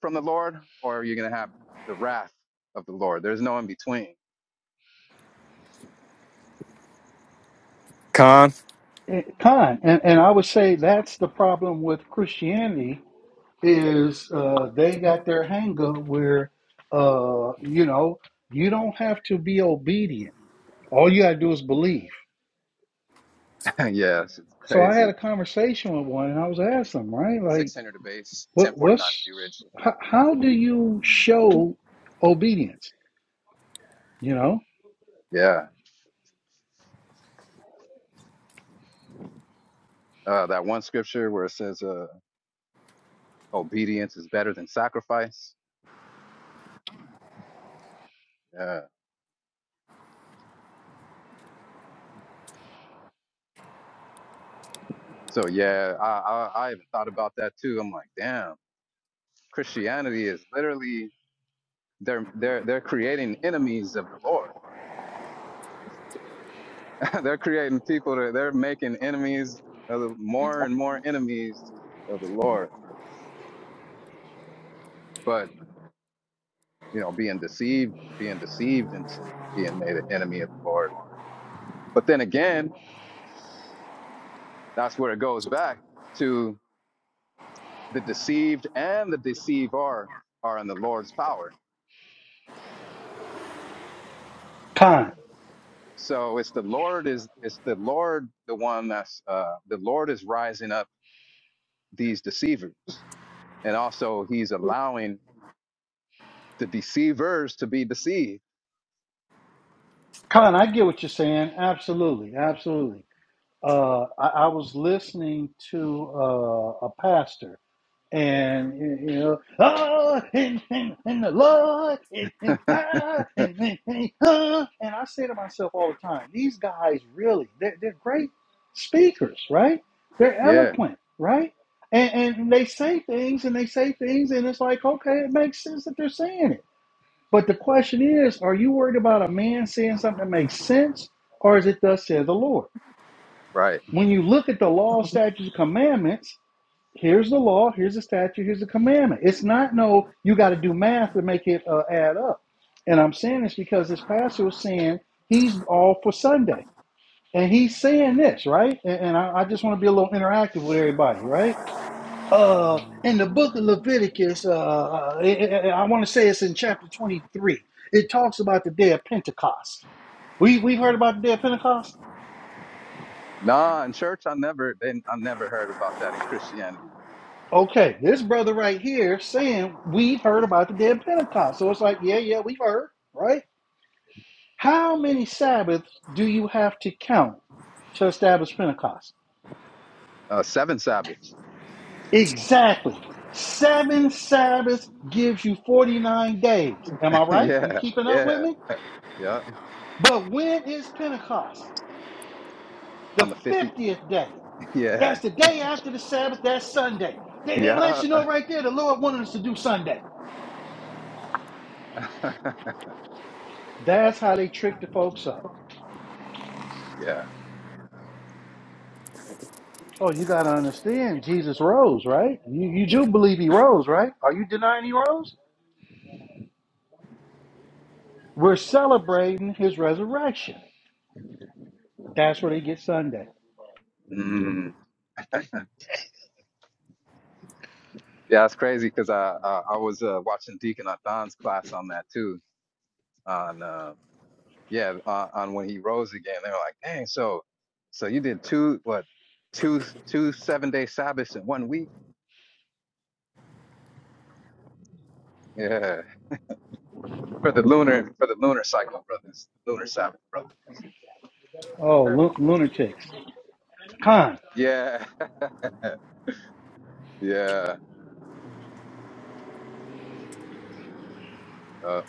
[SPEAKER 4] from the Lord or you're gonna have the wrath of the Lord. There's no in between.
[SPEAKER 3] Con?
[SPEAKER 1] eh, time, and and I would say that's the problem with Christianity is uh, they got their hang up where uh, you know you don't have to be obedient. All you gotta do is believe.
[SPEAKER 4] (laughs) yes, it's
[SPEAKER 1] So I had
[SPEAKER 4] crazy.
[SPEAKER 1] a conversation with one, and I was asking him, right, like,
[SPEAKER 4] 600 a base,
[SPEAKER 1] what
[SPEAKER 4] 1049 to
[SPEAKER 1] what's
[SPEAKER 4] View Ridge.
[SPEAKER 1] how, how do you show obedience? You know,
[SPEAKER 4] Yeah, uh, that one scripture where it says uh, obedience is better than sacrifice. Yeah. So yeah, I, I I even thought about that too. I'm like, damn, Christianity is literally they're they're they're creating enemies of the Lord (laughs) they're creating people that they're making enemies of the, more and more enemies of the Lord. But you know, being deceived, being deceived into being made an enemy of the Lord. But then again, that's where it goes back to the deceived and the deceiver are in the Lord's power.
[SPEAKER 1] time,
[SPEAKER 4] So it's the Lord is it's the Lord the one that's uh, the Lord is rising up these deceivers, and also He's allowing the deceivers to be deceived.
[SPEAKER 1] time. I get what you're saying. Absolutely, absolutely. uh, I, I was listening to uh, a pastor, and you you know, oh, and, and, and the Lord, and, and,
[SPEAKER 4] (laughs)
[SPEAKER 1] ah, and, and, and, ah." and I say to myself all the time, these guys really, they're, they're great speakers, right? They're
[SPEAKER 4] yeah.
[SPEAKER 1] eloquent, right? And, and they say things and they say things, and it's like, okay, it makes sense that they're saying it. But the question is, are you worried about a man saying something that makes sense, or is it thus says the Lord?
[SPEAKER 4] Right.
[SPEAKER 1] When you look at the law, statutes, commandments, here's the law, here's the statute, here's the commandment. It's not no, you got to do math to make it uh, add up. And I'm saying this because this pastor was saying he's all for Sunday. And he's saying this, right? And, and I, I just want to be a little interactive with everybody, right? Uh, in the book of Leviticus, uh, uh, I, I want to say it's in chapter 23. It talks about the day of Pentecost. We, we've heard about the day of Pentecost?
[SPEAKER 4] Nah, in church I never then I never heard about that in Christianity.
[SPEAKER 1] Okay, this brother right here saying we've heard about the day of Pentecost. So it's like, yeah, yeah, we've heard, right? How many Sabbaths do you have to count to establish Pentecost?
[SPEAKER 4] Uh seven Sabbaths.
[SPEAKER 1] Exactly. Seven Sabbaths gives you 49 days. Am I
[SPEAKER 4] (laughs)
[SPEAKER 1] right? You
[SPEAKER 4] yeah,
[SPEAKER 1] keeping up with
[SPEAKER 4] yeah,
[SPEAKER 1] me?
[SPEAKER 4] yeah.
[SPEAKER 1] But when is Pentecost? The
[SPEAKER 4] On the fifty.
[SPEAKER 1] 50th day.
[SPEAKER 4] (laughs)
[SPEAKER 1] That's
[SPEAKER 4] Yeah.
[SPEAKER 1] the day after the Sabbath. That's Sunday. They, it lets
[SPEAKER 4] Yeah.
[SPEAKER 1] you know right there the Lord wanted us to do Sunday.
[SPEAKER 4] (laughs)
[SPEAKER 1] That's how they tricked the folks up.
[SPEAKER 4] yeah.
[SPEAKER 1] Oh, you gotta understand, Jesus rose, right? You you do believe he rose, right? Are you denying he rose? We're celebrating his resurrection. That's where they get Sunday.
[SPEAKER 4] Mm. Yeah, it's crazy because I, I I was uh, watching Deacon Athan's class on that too. On uh yeah, on, on when he rose again. They were like, dang, so so you did two what two two seven day Sabbaths in one week? Yeah. For the lunar for the lunar cycle, brothers. Lunar Sabbath, brother.
[SPEAKER 1] Oh, lu- lunatics. Con,
[SPEAKER 4] Yeah. Yeah, uh,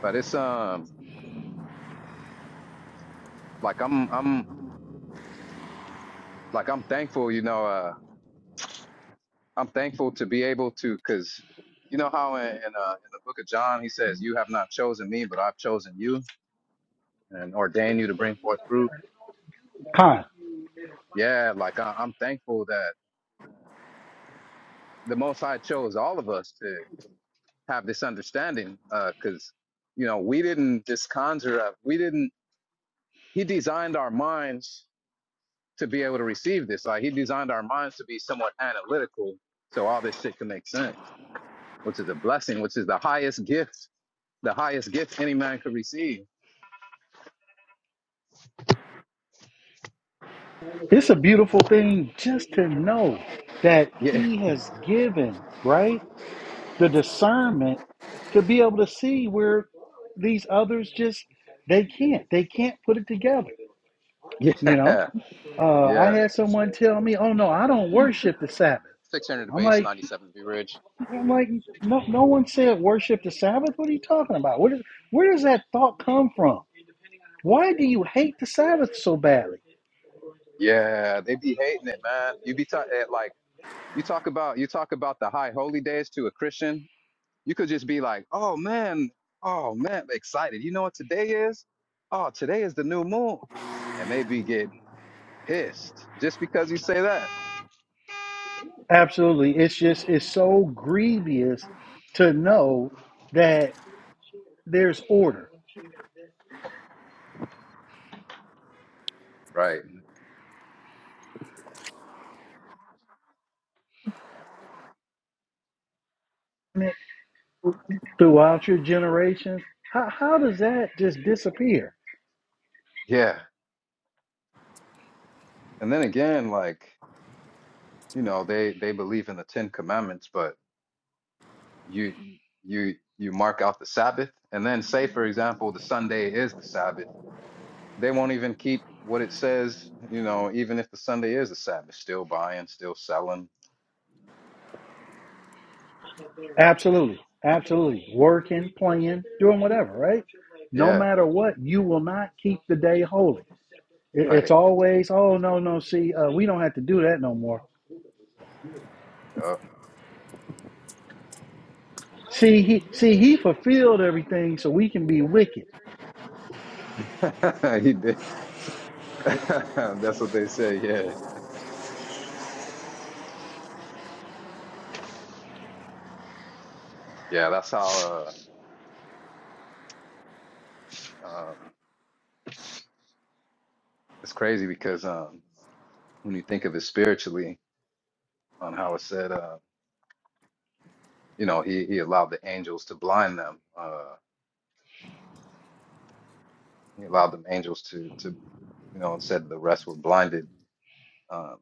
[SPEAKER 4] but it's um like I'm I'm like I'm thankful, you know. Uh, I'm thankful to be able to, cause you know how in in, uh, in the book of John he says, "You have not chosen me, but I've chosen you and ordained you to bring forth fruit."
[SPEAKER 1] con.
[SPEAKER 4] Yeah, like I, I'm thankful that the Most High chose all of us to have this understanding, uh, cause you know we didn't just conjure up, we didn't. He designed our minds to be able to receive this. Like he designed our minds to be somewhat analytical, so all this shit can make sense, which is a blessing, which is the highest gift, the highest gift any man could receive.
[SPEAKER 1] It's a beautiful thing just to know that
[SPEAKER 4] Yeah,
[SPEAKER 1] he has given, right, the discernment to be able to see where these others just they can't. They can't put it together.
[SPEAKER 4] (laughs)
[SPEAKER 1] You know?
[SPEAKER 4] yeah,
[SPEAKER 1] Uh, I
[SPEAKER 4] yeah.
[SPEAKER 1] had someone tell me, "Oh no, I don't worship the Sabbath."
[SPEAKER 4] Six hundred to
[SPEAKER 1] I'm
[SPEAKER 4] base,
[SPEAKER 1] like,
[SPEAKER 4] ninety-seven be rich.
[SPEAKER 1] I'm like, no, no one said worship the Sabbath. What are you talking about? Where does where does that thought come from? Why do you hate the Sabbath so badly?
[SPEAKER 4] Yeah, they be hating it, man. You be ta- eh, like you talk about you talk about the high holy days to a Christian. You could just be like, oh man, oh man, excited. You know what today is? Oh, today is the new moon, and they be getting pissed just because you say that
[SPEAKER 1] Absolutely, it's just it's so grievous to know that there's order
[SPEAKER 4] Right.
[SPEAKER 1] throughout your generations. How how does that just disappear?
[SPEAKER 4] Yeah. And then again, like, you know, they they believe in the Ten Commandments, but you you you mark out the Sabbath, and then say, for example, the Sunday is the Sabbath. They won't even keep what it says, you know, even if the Sunday is the Sabbath, still buying, still selling.
[SPEAKER 1] Absolutely, absolutely. Working, playing, doing whatever, right? No
[SPEAKER 4] Yeah,
[SPEAKER 1] matter what, you will not keep the day holy. It- It's
[SPEAKER 4] right.
[SPEAKER 1] always, oh no, no. See, uh, we don't have to do that no more.
[SPEAKER 4] Yup.
[SPEAKER 1] See, he see he fulfilled everything, so we can be wicked.
[SPEAKER 4] (laughs) he did. (laughs) That's what they say. Yeah. Yeah, that's how uh um it's crazy because um when you think of it spiritually on how it's said. uh you know he he allowed the angels to blind them uh he allowed them angels to to you know and said the rest were blinded um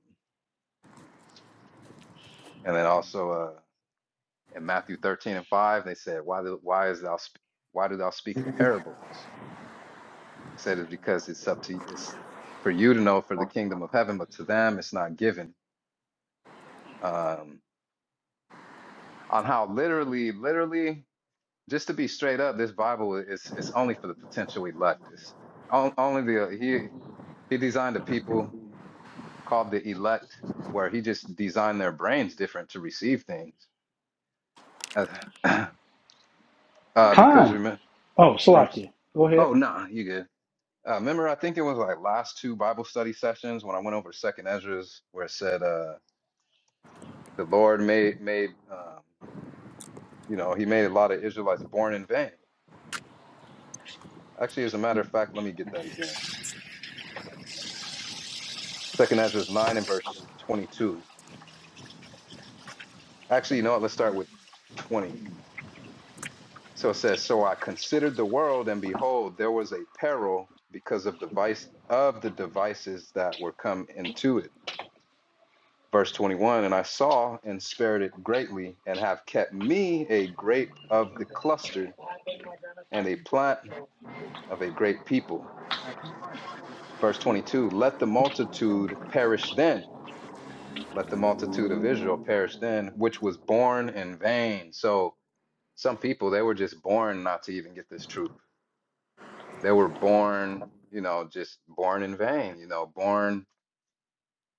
[SPEAKER 4] and then also uh in matthew 13 and 5 they said why do, why is thou sp- why do thou speak in parables he said it's because it's up to it's for you to know for the kingdom of heaven but to them it's not given um on how literally literally just to be straight up this bible is it's only for the potential elect it's on- only the he he designed a people called the elect, where he just designed their brains different to receive things. Uh, (clears throat) uh, because
[SPEAKER 1] Khan,
[SPEAKER 4] remember,
[SPEAKER 1] oh
[SPEAKER 4] rem-
[SPEAKER 1] Salakia, go
[SPEAKER 4] oh
[SPEAKER 1] ahead.
[SPEAKER 4] no, nah, you good. Uh, remember, I think it was like last two Bible study sessions when I went over Second Ezra's, where it said uh, the Lord made made um, you know he made a lot of Israelites born in vain. Actually, as a matter of fact, let me get that again. Second Ezra's nine and verse twenty two. Actually, you know what? Let's start with twenty. So it says, So I considered the world, and behold, there was a peril because of the vice of the devices that were come into it. Verse 21, and I saw and spared it greatly, and have kept me a grape of the cluster and a plant of a great people. Verse 22, let the multitude perish then, let the multitude of Israel perish then, which was born in vain. So some people, they were just born not to even get this truth They were born, you know, just born in vain, you know, born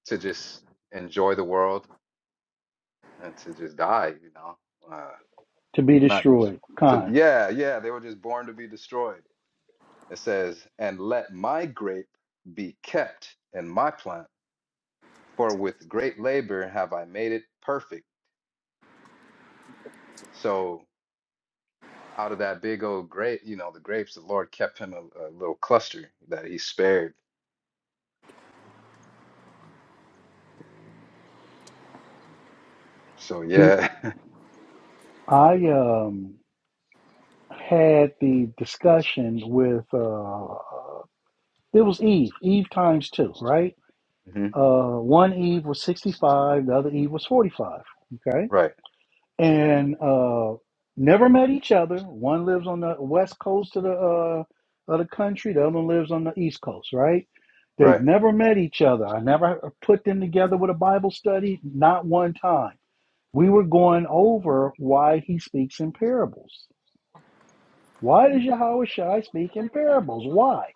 [SPEAKER 4] to just enjoy the world and to just die, you know. Uh,
[SPEAKER 1] To be
[SPEAKER 4] not
[SPEAKER 1] destroyed,
[SPEAKER 4] to,
[SPEAKER 1] Khan.
[SPEAKER 4] yeah, yeah, they were just born to be destroyed. It says, and let my grape be kept in my plant, for with great labor have I made it perfect. So out of that big old grape, you know, the grapes, the Lord kept him a, a little cluster that he spared. So
[SPEAKER 1] You,
[SPEAKER 4] yeah, (laughs)
[SPEAKER 1] I um had the discussion with uh, it was Eve, Eve times two, right?
[SPEAKER 4] Mhm.
[SPEAKER 1] Uh, one Eve was sixty-five, the other Eve was forty-five. Okay
[SPEAKER 4] right,
[SPEAKER 1] and uh, never met each other. One lives on the west coast of the uh, of the country. The other one lives on the east coast. Right? They've
[SPEAKER 4] right.
[SPEAKER 1] never met each other. I never put them together with a Bible study. Not one time. We were going over why he speaks in parables. Why does Yahweh Shai speak in parables? Why?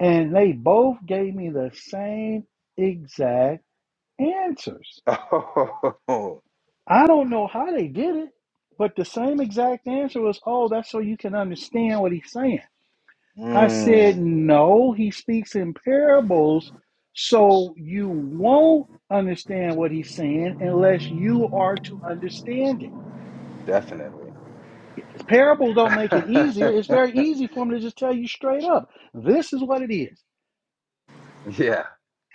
[SPEAKER 1] And they both gave me the same exact answers.
[SPEAKER 4] (laughs)
[SPEAKER 1] I don't know how they did it, but the same exact answer was, oh, that's so you can understand what he's saying. I said,
[SPEAKER 4] Mm,
[SPEAKER 1] no, he speaks in parables, so you won't understand what he's saying unless you are to understand it.
[SPEAKER 4] definitely.
[SPEAKER 1] Parables don't make it
[SPEAKER 4] (laughs)
[SPEAKER 1] easier. It's very easy for him to just tell you straight up this is what it is.
[SPEAKER 4] yeah.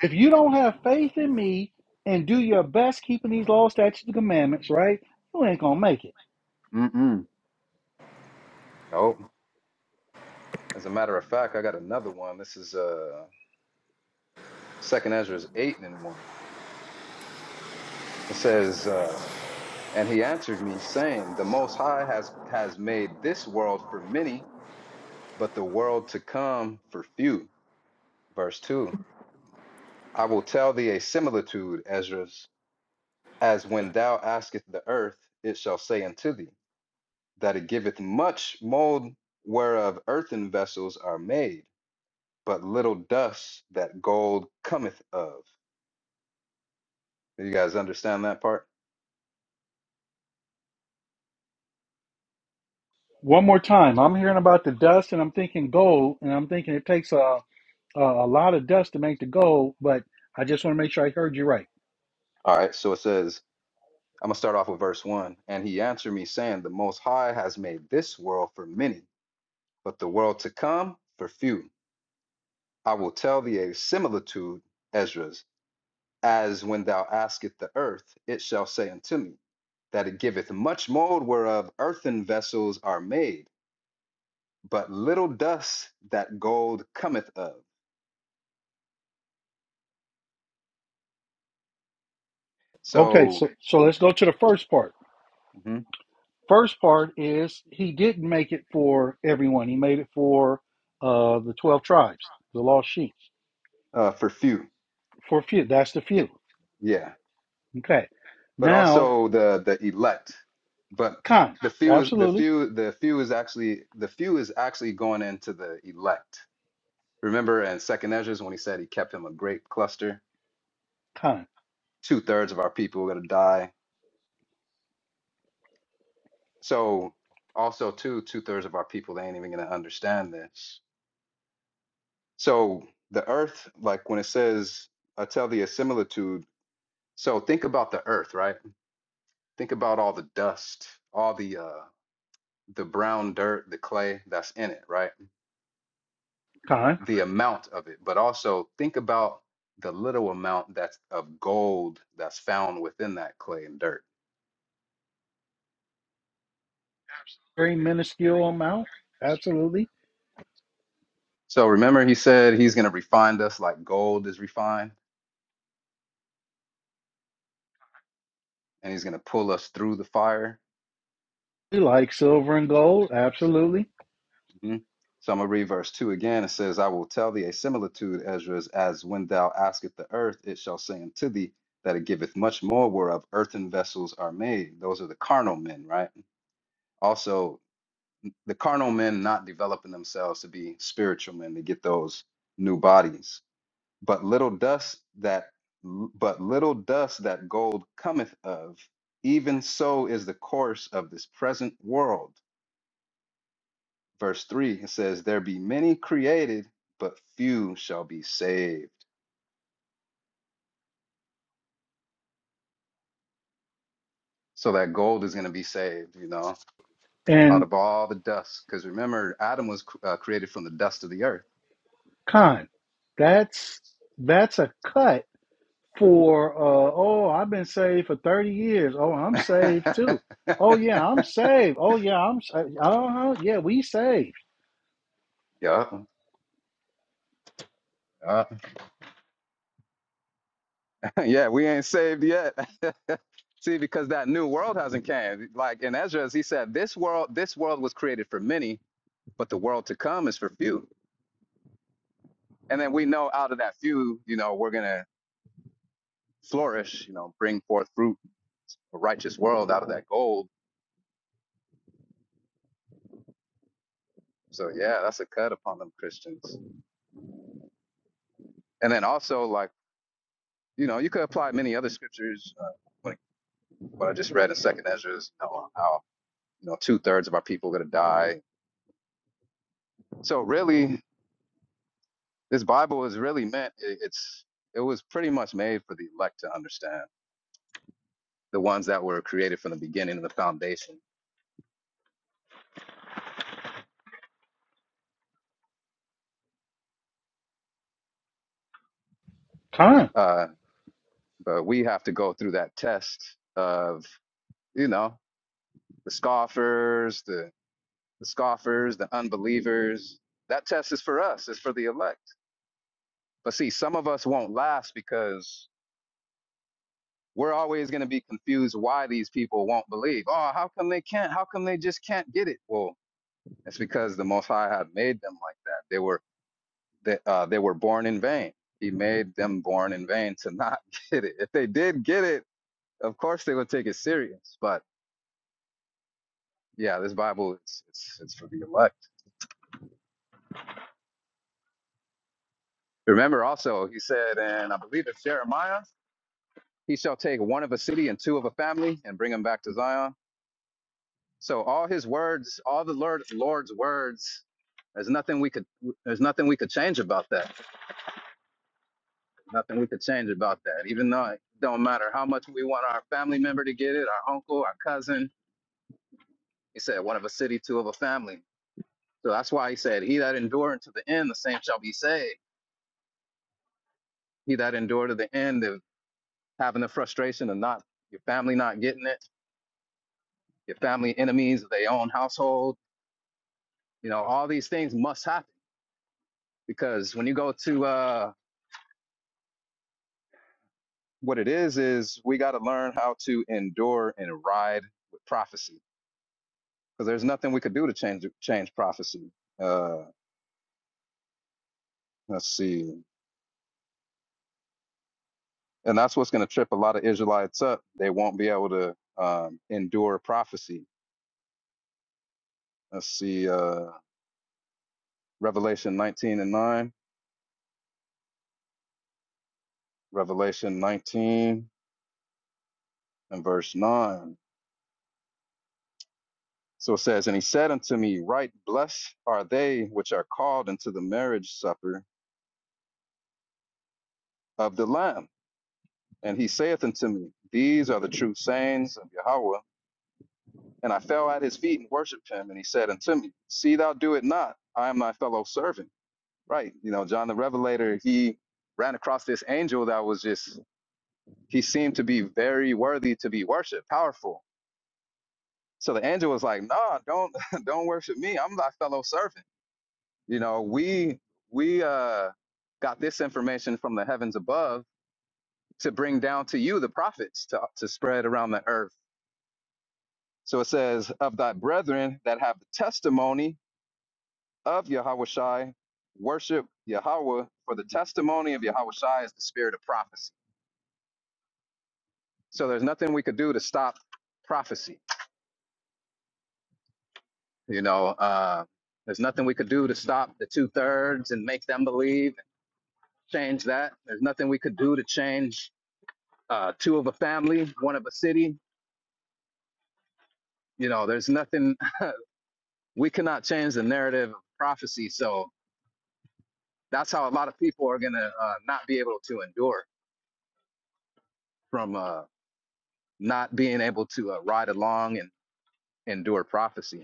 [SPEAKER 1] If you don't have faith in me and do your best keeping these laws, statutes, and commandments, right, you ain't going to make it.
[SPEAKER 4] Mm-mm. Nope. As a matter of fact, I got another one. This is uh Second Ezra's eight and one. It says, uh, and he answered me, saying, The Most High has has made this world for many, but the world to come for few. Verse two. I will tell thee a similitude, Ezra, as when thou askest the earth, it shall say unto thee. that it giveth much mold whereof earthen vessels are made, but little dust that gold cometh of. Do you guys understand that part?
[SPEAKER 1] One more time, I'm hearing about the dust, and I'm thinking gold, and I'm thinking it takes a a, a lot of dust to make the gold. But I just want to make sure I heard you right.
[SPEAKER 4] All right, so it says, I'm going to start off with verse 1. And he answered me, saying, The Most High has made this world for many, but the world to come for few. I will tell thee a similitude, Esdras, as when thou askest the earth, it shall say unto me, that it giveth much mold whereof earthen vessels are made but little dust that gold cometh of.
[SPEAKER 1] Okay,
[SPEAKER 4] So
[SPEAKER 1] so so let's go to the first part.
[SPEAKER 4] mhm,
[SPEAKER 1] First part is he didn't make it for everyone. He made it for uh, the twelve tribes, the lost sheep.
[SPEAKER 4] uh, for few,
[SPEAKER 1] For few, that's the few.
[SPEAKER 4] yeah,
[SPEAKER 1] Okay,
[SPEAKER 4] but
[SPEAKER 1] now
[SPEAKER 4] also the the elect, but
[SPEAKER 1] Khan,
[SPEAKER 4] the few is the
[SPEAKER 1] absolutely
[SPEAKER 4] few the few is actually the few is actually going into the elect. Remember in Second Ezra's when he said he kept him a great cluster.
[SPEAKER 1] Khan,
[SPEAKER 4] Two thirds of our people are gonna die. So also too two thirds of our people they ain't even gonna understand this. So the earth, like when it says, I tell thee a similitude So think about the earth, right? Think about all the dust, all the uh the brown dirt, the clay that's in it, right?
[SPEAKER 1] Khan,
[SPEAKER 4] The hmm amount of it, but also think about the little amount that's of gold that's found within that clay and dirt.
[SPEAKER 1] very minuscule amount, absolutely.
[SPEAKER 4] So remember he said he's going to refine us like gold is refined and he's going to pull us through the fire
[SPEAKER 1] He likes silver and gold, absolutely.
[SPEAKER 4] Mhm. So I'm gonna read verse two again. It says, I will tell thee a similitude, Ezra, as when thou askest the earth, it shall say unto thee that it giveth much more whereof earthen vessels are made. Those are the carnal men, right? Also, the carnal men not developing themselves to be spiritual men to get those new bodies. But little dust that but little dust that gold cometh of, even so is the course of this present world. verse 3 it says there be many created but few shall be saved so that gold is going to be saved you know out
[SPEAKER 1] and
[SPEAKER 4] of all the dust because remember adam was uh, created from the dust of the earth
[SPEAKER 1] Con, that's that's a cut for uh oh, I've been saved for 30 years. Oh,
[SPEAKER 4] (laughs)
[SPEAKER 1] I'm saved too. Oh
[SPEAKER 4] yeah
[SPEAKER 1] yeah, I'm saved. Oh yeah, I'm saved. uh Yeah, we saved.
[SPEAKER 4] yeah Yeah, we ain't saved yet (laughs) see because that new world hasn't came like in ezra he said this world this world was created for many but the world to come is for few and then we know out of that few you know we're gonna flourish, you know, bring forth fruit, a righteous world out of that gold. So yeah, that's a cut upon them Christians. And then also like, you know, you could apply many other scriptures, uh, like what I just read in Second Ezra, is, you know, how you know two thirds of our people are gonna die. So really, this Bible is really meant. It, it's it was pretty much made for the elect to understand, the ones that were created from the beginning of the foundation.
[SPEAKER 1] Con.
[SPEAKER 4] Uh, but we have to go through that test of you know the scoffers, the the scoffers, the unbelievers. That test is for us, it's for the elect. But see, some of us won't last because we're always going to be confused why these people won't believe. Oh, how come they can't? How come they just can't get it? Well, it's because the Most High had made them like that. They were they, uh, they were born in vain. He made them born in vain to not (laughs) get it. If they did get it, of course they would take it serious. But yeah, this Bible it's it's, it's for the elect. Remember also, he said, and I believe it's Jeremiah. He shall take one of a city and two of a family and bring them back to Zion. So all his words, all the Lord Lord's words, there's nothing we could there's nothing we could change about that. Nothing we could change about that. Even though it don't matter how much we want our family member to get it, our uncle, our cousin. He said one of a city, two of a family. So that's why he said, He that endure unto the end, the same shall be saved. He that endure to the end of having the frustration of not your family not getting it, your family enemies of their own household, you know, all these things must happen because when you go to uh, what it is is we got to learn how to endure and ride with prophecy because there's nothing we could do to change change prophecy uh, let's see and that's what's going to trip a lot of israelites up they won't be able to um, endure prophecy let's see uh, revelation 19 and 9 revelation 19 and verse 9 so it says and he said unto me right blessed are they which are called into the marriage supper of the lamb And he saith unto me, These are the true sayings of Yahweh. And I fell at his feet and worshipped him. And he said unto me, See thou do it not. I am thy fellow servant. Right. You know, John the Revelator, he ran across this angel that was just, he seemed to be very worthy to be worshiped, powerful. So the angel was like, Nah, don't, (laughs) don't worship me. I'm thy fellow servant. You know, we, we, uh, got this information from the heavens above to bring down to you, the prophets, to, to spread around the earth So it says, Of thy brethren that have the testimony of Yahushai, worship Yahweh, for the testimony of Yahushai is the spirit of prophecy. So there's nothing we could do to stop prophecy. You know, uh, there's nothing we could do to stop the two thirds and make them believe, change that. There's nothing we could do to change uh, two of a family, one of a city. You know, there's nothing (laughs) we cannot change the narrative of prophecy. So that's how a lot of people are going to uh, not be able to endure from uh, not being able to uh, ride along and endure prophecy.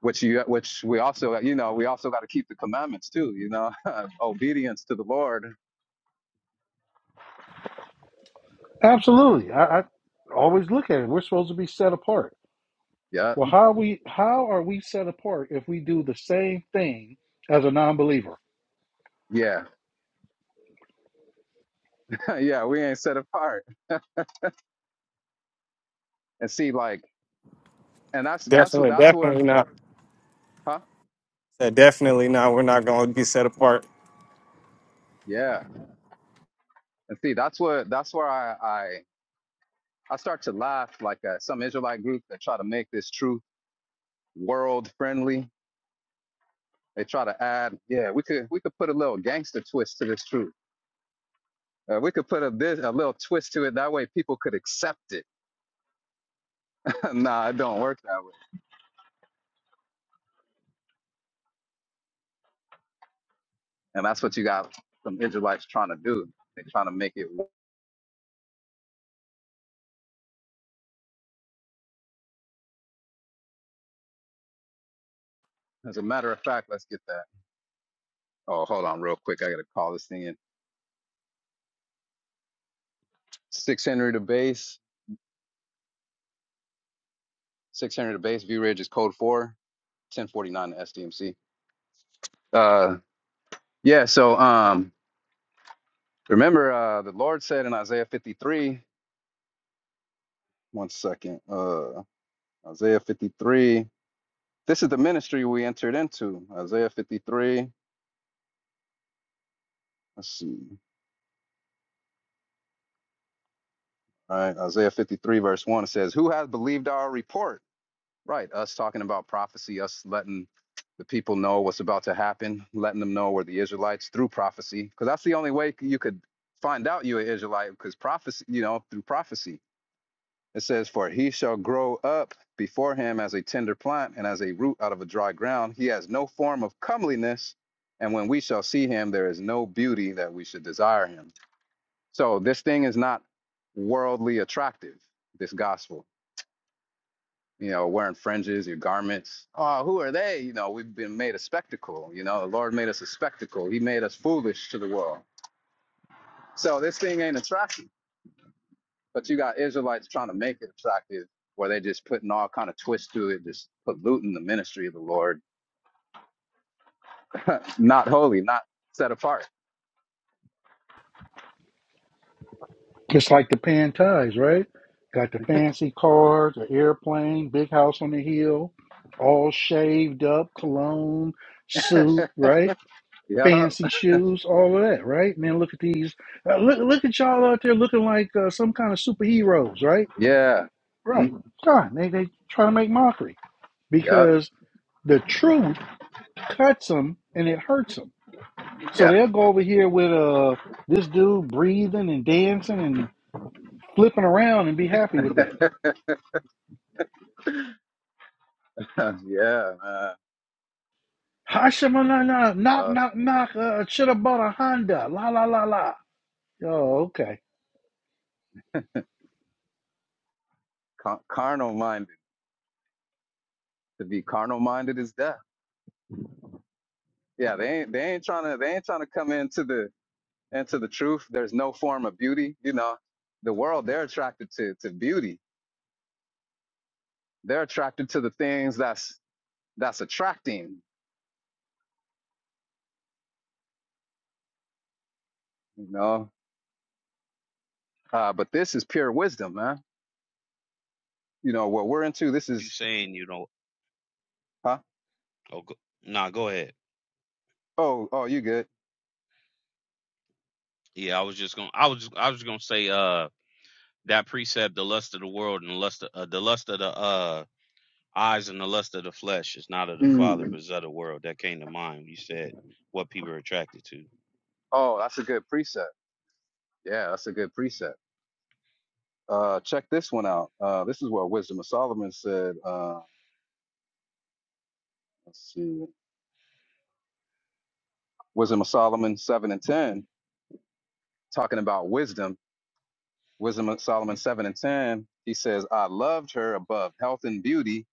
[SPEAKER 4] Which you, which we also, uh, you know, we also got to keep the commandments too. You know, (laughs) obedience to the Lord.
[SPEAKER 1] Absolutely. I, I always look at it. We're supposed to be set apart.
[SPEAKER 4] Yeah,
[SPEAKER 1] Well, how we how are we set apart if we do the same thing as a non-believer?
[SPEAKER 4] yeah, (laughs) yeah. We ain't set apart. And see, like, and that's that's what
[SPEAKER 3] Definitely,
[SPEAKER 4] that's where,
[SPEAKER 3] definitely not.
[SPEAKER 4] huh?
[SPEAKER 3] Uh, Definitely not. We're not going to be set apart.
[SPEAKER 4] Yeah. And see, that's what that's where I I I start to laugh like uh, some Israelite group that try to make this truth world friendly. They try to add, yeah, we could we could put a little gangster twist to this truth Uh, we could put a bit, a little twist to it. That way, people could accept it. (laughs) nah, it don't work that way. And that's what you got some Israelites trying to do. They're trying to make it. wo- As a matter of fact, let's get that. Oh, hold on, real quick. I gotta call this thing in. Six Henry to base. Six Henry to base. V Ridge is code four. Ten forty nine to SDMC. Uh, yeah. So um, remember uh, the Lord said in Isaiah fifty three. One second. Uh, Isaiah fifty three. This is the ministry we entered into. Isaiah fifty three. Let's see. All right, Isaiah 53, verse 1 it says, Who has believed our report? Right, us talking about prophecy, us letting the people know what's about to happen, letting them know we're the Israelites through prophecy, because that's the only way you could find out you're an Israelite, because prophecy, you know, through prophecy. It says, For he shall grow up before him as a tender plant and as a root out of a dry ground. He has no form of comeliness. And when we shall see him, there is no beauty that we should desire him So this thing is not worldly attractive, this gospel. You know, wearing fringes, your garments. Oh, who are they? You know, we've been made a spectacle. You know, the Lord made us a spectacle. He made us foolish to the world. So this thing ain't attractive. But you got Israelites trying to make it attractive, where they just putting all kind of twists to it, just polluting the ministry of the Lord. (laughs) not holy, not set apart.
[SPEAKER 1] Just like the pan ties, right? Got the fancy cars, the airplane, big house on the hill, all shaved up, cologne, suit,
[SPEAKER 4] (laughs)
[SPEAKER 1] right?
[SPEAKER 4] yup.
[SPEAKER 1] Fancy shoes, all of that, right? Man, look at these. Uh, look, look at y'all out there looking like uh, some kind of superheroes, right?
[SPEAKER 4] Yeah.
[SPEAKER 1] Right.
[SPEAKER 4] Mm,
[SPEAKER 1] God, they they try to make mockery
[SPEAKER 4] yup.
[SPEAKER 1] because the truth cuts them and it hurts them. So
[SPEAKER 4] Yeah.
[SPEAKER 1] they'll go over here with uh this dude breathing and dancing and flipping around and be happy with that
[SPEAKER 4] (laughs) yeah, man.
[SPEAKER 1] Hashamanana, knock,
[SPEAKER 4] Yup.
[SPEAKER 1] knock, knock. Uh, should have bought a Honda. La la la la. Oh, okay.
[SPEAKER 4] Car- carnal minded. To be carnal minded is death. Yeah, they ain't they ain't trying to they ain't trying to come into the into the truth. There's no form of beauty. You know, the world they're attracted to to beauty. They're attracted to the things that's that's attracting. You know, uh, but this is pure wisdom, man. You know what we're into. This
[SPEAKER 2] You
[SPEAKER 4] is
[SPEAKER 2] saying you don't
[SPEAKER 4] huh?
[SPEAKER 2] oh go, nah, go ahead.
[SPEAKER 4] Oh, oh, you good?
[SPEAKER 2] Yeah, I was just gonna, I was, just, I was just gonna say, uh, that precept, the lust of the world and the lust, of, uh, the lust of the uh eyes and the lust of the flesh is not of the Father,
[SPEAKER 4] Mm.
[SPEAKER 2] but is of the world. That came to mind. when You said what people are attracted to.
[SPEAKER 4] Oh, that's a good preset. Yeah, that's a good preset. Uh, check this one out. Uh, this is what Wisdom of Solomon said. Uh, let's see. Wisdom of Solomon 7 and 10, talking about wisdom. Wisdom of Solomon 7 and 10, he says, I loved her above health and beauty,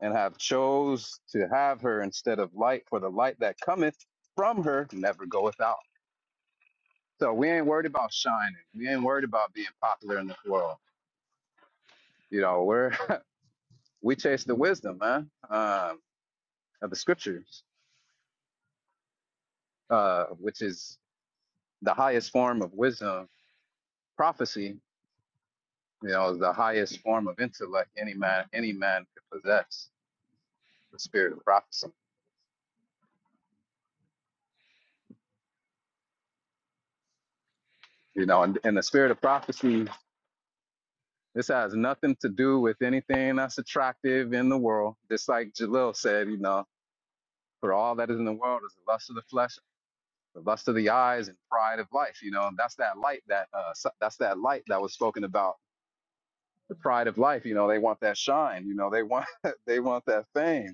[SPEAKER 4] and have chose to have her instead of light, for the light that cometh from her never goeth out. So we ain't worried about shining. We ain't worried about being popular in this world. You know, we're (laughs) we chase the wisdom, man, um, of the scriptures, uh, which is the highest form of wisdom, prophecy, You know, is the highest form of intellect any man any man could possess, the spirit of prophecy. You know, and, and the spirit of prophecy, this has nothing to do with anything that's attractive in the world. Just like Jalil said, you know, for all that is in the world is the lust of the flesh, the lust of the eyes, and pride of life. You know, and that's that light that uh, so, that's that light that was spoken about. The pride of life. You know, they want that shine. You know, they want (laughs) they want that fame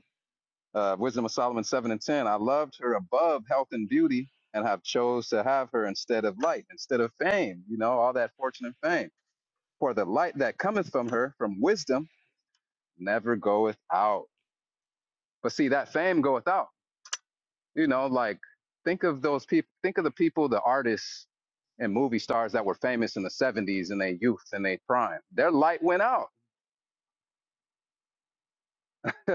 [SPEAKER 4] uh, Wisdom of Solomon 7 and 10. I loved her above health and beauty and have chose to have her instead of light, instead of fame, you know, all that fortune and fame. For the light that cometh from her, from wisdom, never goeth out. But see, that fame goeth out. You know, like think of those people, think of the people, the artists and movie stars that were famous in the 70s in their youth and their prime. Their light went out. (laughs)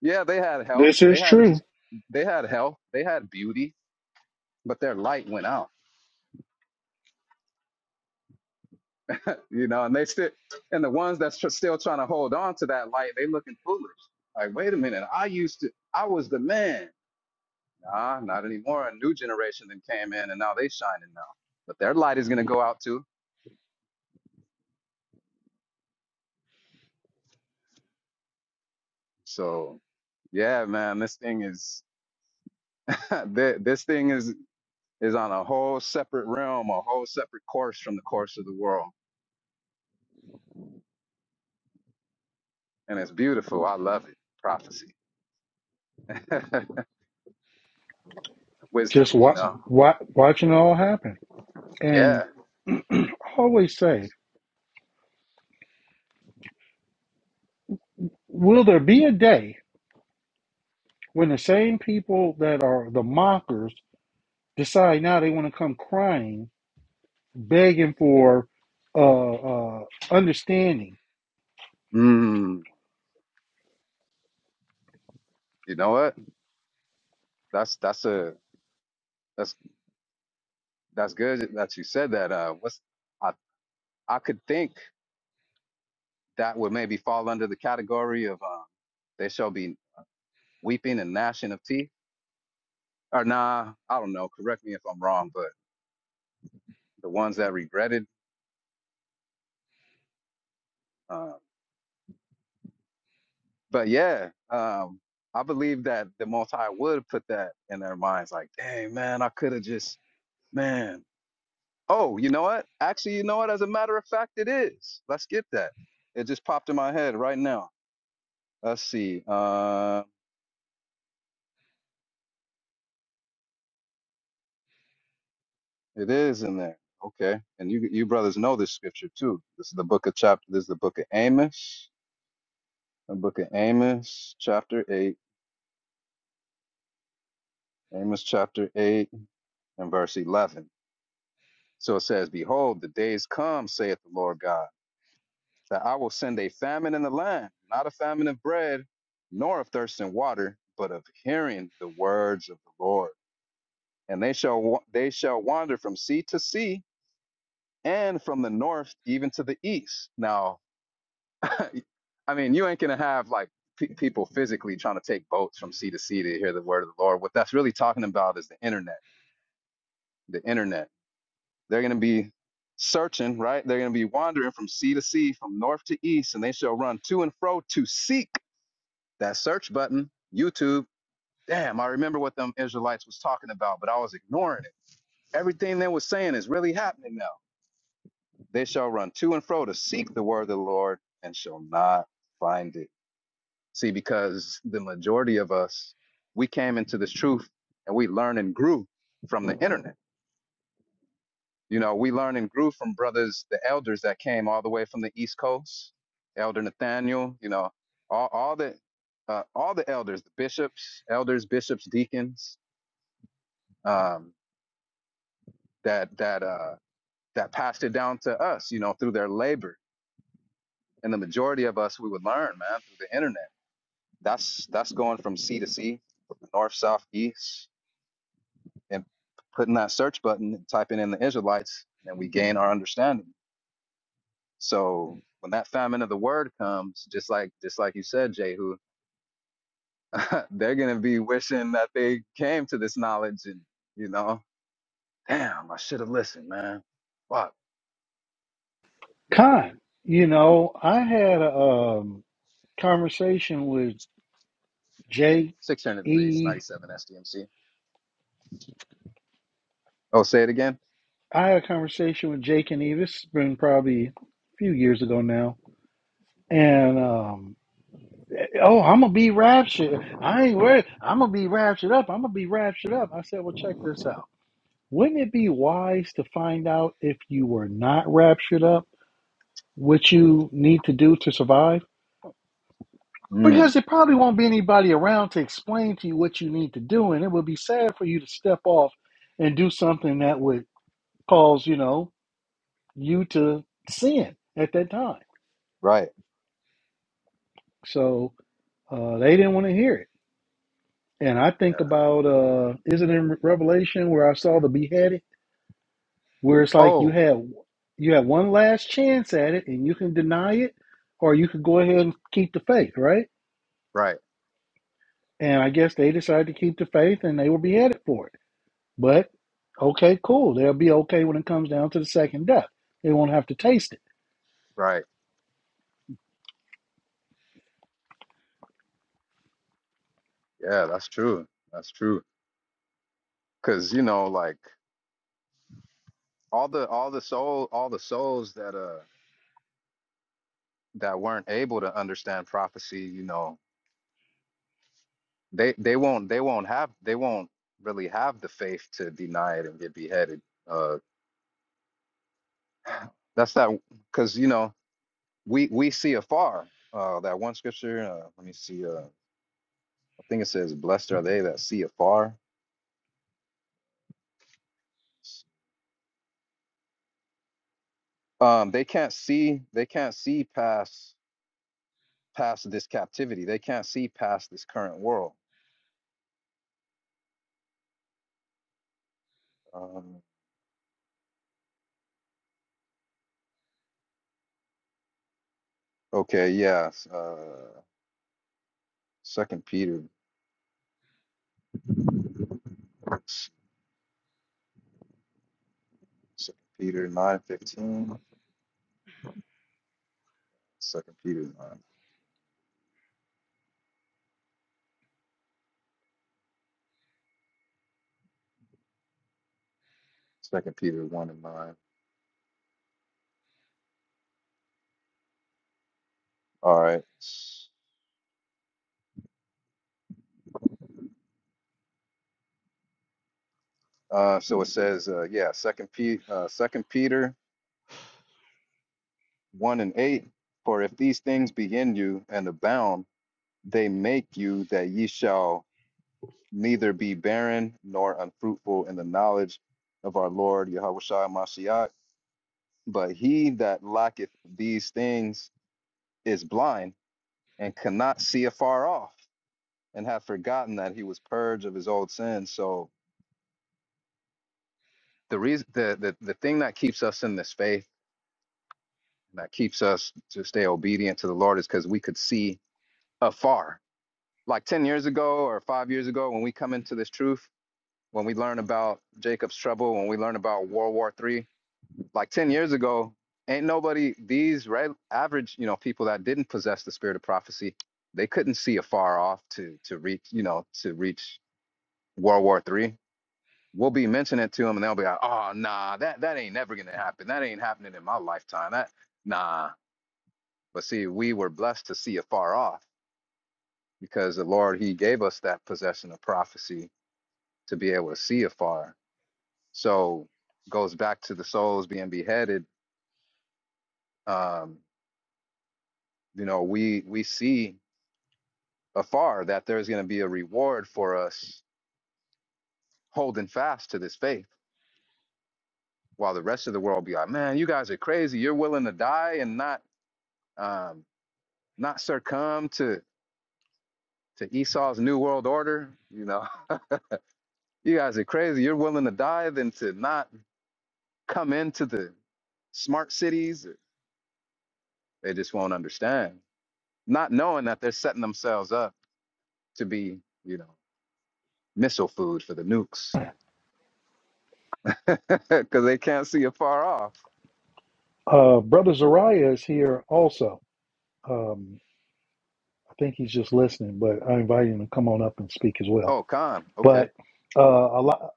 [SPEAKER 4] yeah, they had health,
[SPEAKER 1] This
[SPEAKER 4] they
[SPEAKER 1] is
[SPEAKER 4] had
[SPEAKER 1] true.
[SPEAKER 4] they had health, they had beauty, but their light went out you know, and they still, and the ones that's tr- still trying to hold on to that light, they looking foolish. Like, wait a minute, I used to, I was the man. Nah, not anymore. A new generation that came in, and now they shining now. But their light is gonna go out too. So, yeah, man, this thing is, (laughs) thi- this thing is is on a whole separate realm, a whole separate course from the course of the world, and it's beautiful. I love it. Prophecy, (laughs)
[SPEAKER 1] Just
[SPEAKER 4] wisdom, you
[SPEAKER 1] wa-
[SPEAKER 4] know.
[SPEAKER 1] wa- watching it all happen. And
[SPEAKER 4] Yeah.
[SPEAKER 1] (clears throat) I always say, will there be a day when the same people that are the mockers decide now they want to come crying, begging for uh, uh, understanding?
[SPEAKER 4] Mm, you know what? That's that's a that's That's good that you said that. Uh, what's I I could think that would maybe fall under the category of um, there shall be weeping and gnashing of teeth. Or nah, I don't know. Correct me if I'm wrong, but the ones that regretted. Uh, but yeah, um, I believe that the Most High would put that in their minds, like, dang man, I could have just man. Oh, you know what? Actually, you know what? As a matter of fact, it is. Let's get that. It just popped in my head right now. Let's see. Uh, It is in there. Okay. And you you brothers know this scripture too. This is the book of chapter this is the book of Amos. The book of Amos, chapter eight. Amos chapter eight and verse eleven. So it says, Behold, the days come, saith the Lord God, that I will send a famine in the land, not a famine of bread, nor of thirst and water, but of hearing the words of the Lord. And they shall wa- they shall wander from sea to sea, and from the north even to the east. Now (laughs) I mean, you ain't gonna have like pe- people physically trying to take boats from sea to sea to hear the word of the Lord. What that's really talking about is the internet. The internet. They're gonna be searching, right? They're gonna be wandering from sea to sea, from north to east, and they shall run to and fro to seek that search button. YouTube. Damn, I remember what them Israelites was talking about, but I was ignoring it. Everything they was saying is really happening now. They shall run to and fro to seek the word of the Lord and shall not find it See, because the majority of us, we came into this truth and we learned and grew from the internet. You know, we learned and grew from brothers, the elders that came all the way from the East Coast, Elder Nathaniel, you know, all, all the uh, all the elders, the bishops, elders, bishops, deacons, um, that that uh, that passed it down to us, you know, through their labor. And the majority of us, we would learn, man, through the internet. That's that's going from sea to sea, from the north, south, east. and putting that search button and typing in the Israelites, and we gain our understanding. So when that famine of the word comes, just like just like you said, Jehu, (laughs) they're gonna be wishing that they came to this knowledge and you know, damn, I should have listened, man. Fuck.
[SPEAKER 1] Con, you know, I had a um, conversation with
[SPEAKER 4] Six hundred the base,
[SPEAKER 1] J.E.
[SPEAKER 4] ninety seven SDMC. Oh, say it again?
[SPEAKER 1] I had a conversation with Jake and Eve. It's been probably a few years ago now. And um, oh, I'm gonna be raptured. I ain't worried. I'm gonna be raptured up. I'm gonna be raptured up. I said, well, check this out. Wouldn't it be wise to find out if you were not raptured up, what you need to do to survive? Because
[SPEAKER 4] Mm,
[SPEAKER 1] there probably won't be anybody around to explain to you what you need to do, and it would be sad for you to step off and do something that would cause, you know, you to sin at that time.
[SPEAKER 4] right.
[SPEAKER 1] So uh, they didn't want to hear it. And I
[SPEAKER 4] Yeah.
[SPEAKER 1] think about uh, is it in Revelation where I saw the beheaded, where it's like you
[SPEAKER 4] Oh,
[SPEAKER 1] have you have one last chance at it, and you can deny it, or you could go ahead and keep the faith, right?
[SPEAKER 4] right,
[SPEAKER 1] And I guess they decided to keep the faith, and they were beheaded for it. But okay, cool, they'll be okay when it comes down to the second death. They won't have to taste it.
[SPEAKER 4] right. Yeah, that's true. That's true. Cause you know, like all the all the soul all the souls that uh that weren't able to understand prophecy, you know, they they won't they won't have they won't really have the faith to deny it and get beheaded. Uh, that's not because you know we we see afar. Uh, that one scripture. Uh, let me see. Uh, I think it says, "Blessed are they that see afar." Um, they can't see. They can't see past past this captivity. They can't see past this current world. Um, okay. Yeah. Uh, Second Peter. Second Peter nine fifteen. Second Peter nine. Second Peter one and nine. All right. Uh, so it says, uh, yeah, Second P, uh, Second Peter one and eight. For if these things be in you and abound, they make you that ye shall neither be barren nor unfruitful in the knowledge of our Lord Yahushua Mashiach. But he that lacketh these things is blind and cannot see afar off and have forgotten that he was purged of his old sins. So the reason the the, the thing that keeps us in this faith that keeps us to stay obedient to the Lord is because we could see afar. Like ten years ago or five years ago, when we come into this truth, when we learn about Jacob's trouble, when we learn about World War Three, like ten years ago, ain't nobody these right average, you know, people that didn't possess the spirit of prophecy, they couldn't see afar off to to reach, you know, to reach World War Three we'll be mentioning it to them and they'll be like, oh nah, that that ain't never gonna happen. That ain't happening in my lifetime. That nah. But see, we were blessed to see afar off because the Lord He gave us that possession of prophecy to be able to see afar. So goes back to the souls being beheaded. Um, you know, we we see afar that there's gonna be a reward for us holding fast to this faith while the rest of the world be like, man, you guys are crazy. You're willing to die and not um, not succumb to to Esau's New World Order. You know, (laughs) you guys are crazy. You're willing to die than to not come into the smart cities. They just won't understand, not knowing that they're setting themselves up to be, you know, missile food for the nukes (laughs) because they can't see it far off.
[SPEAKER 1] Uh, Brother Zariah is here also. Um, I think he's just listening, but I invite him to come on up and speak as well.
[SPEAKER 4] Oh, con. Okay.
[SPEAKER 1] But uh, a lot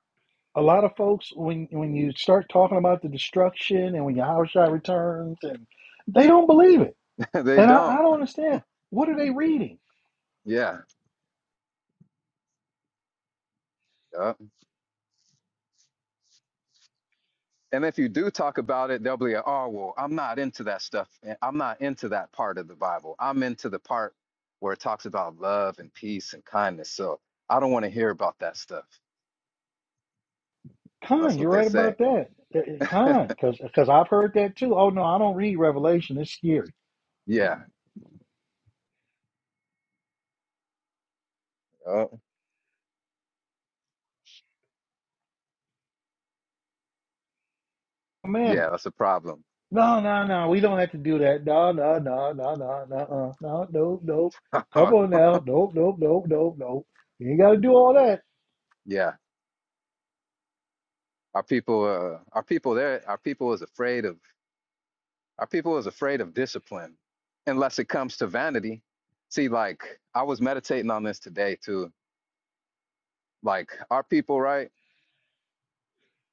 [SPEAKER 1] a lot of folks when when you start talking about the destruction and when Yahushua returns and they don't believe it.
[SPEAKER 4] (laughs) they
[SPEAKER 1] And I, I
[SPEAKER 4] don't.
[SPEAKER 1] don't understand. What are they reading?
[SPEAKER 4] Yeah. Yup. And if you do talk about it, they'll be like, oh, well, I'm not into that stuff. Eh, I'm not into that part of the Bible. I'm into the part where it talks about love and peace and kindness. So I don't want to hear about that stuff. That's
[SPEAKER 1] Khan, you're
[SPEAKER 4] what they
[SPEAKER 1] right
[SPEAKER 4] say.
[SPEAKER 1] about that. Uh, uh, Khan, because because I've heard that too. Oh no, I don't read Revelation. It's scary.
[SPEAKER 4] Yeah. Oh, yeah,
[SPEAKER 1] Commandments.
[SPEAKER 4] that's a problem.
[SPEAKER 1] No, no, no. We don't have to do that. No, no, no, no, no, no, uh, no, no, no. Come on now. Nope, nope, nope, nope, nope. You ain't got to do all that.
[SPEAKER 4] (laughs) yeah. Our people, uh, our people there, our people is afraid of, our people is afraid of discipline unless it comes to vanity. See, like I was meditating on this today too. Like our people, right?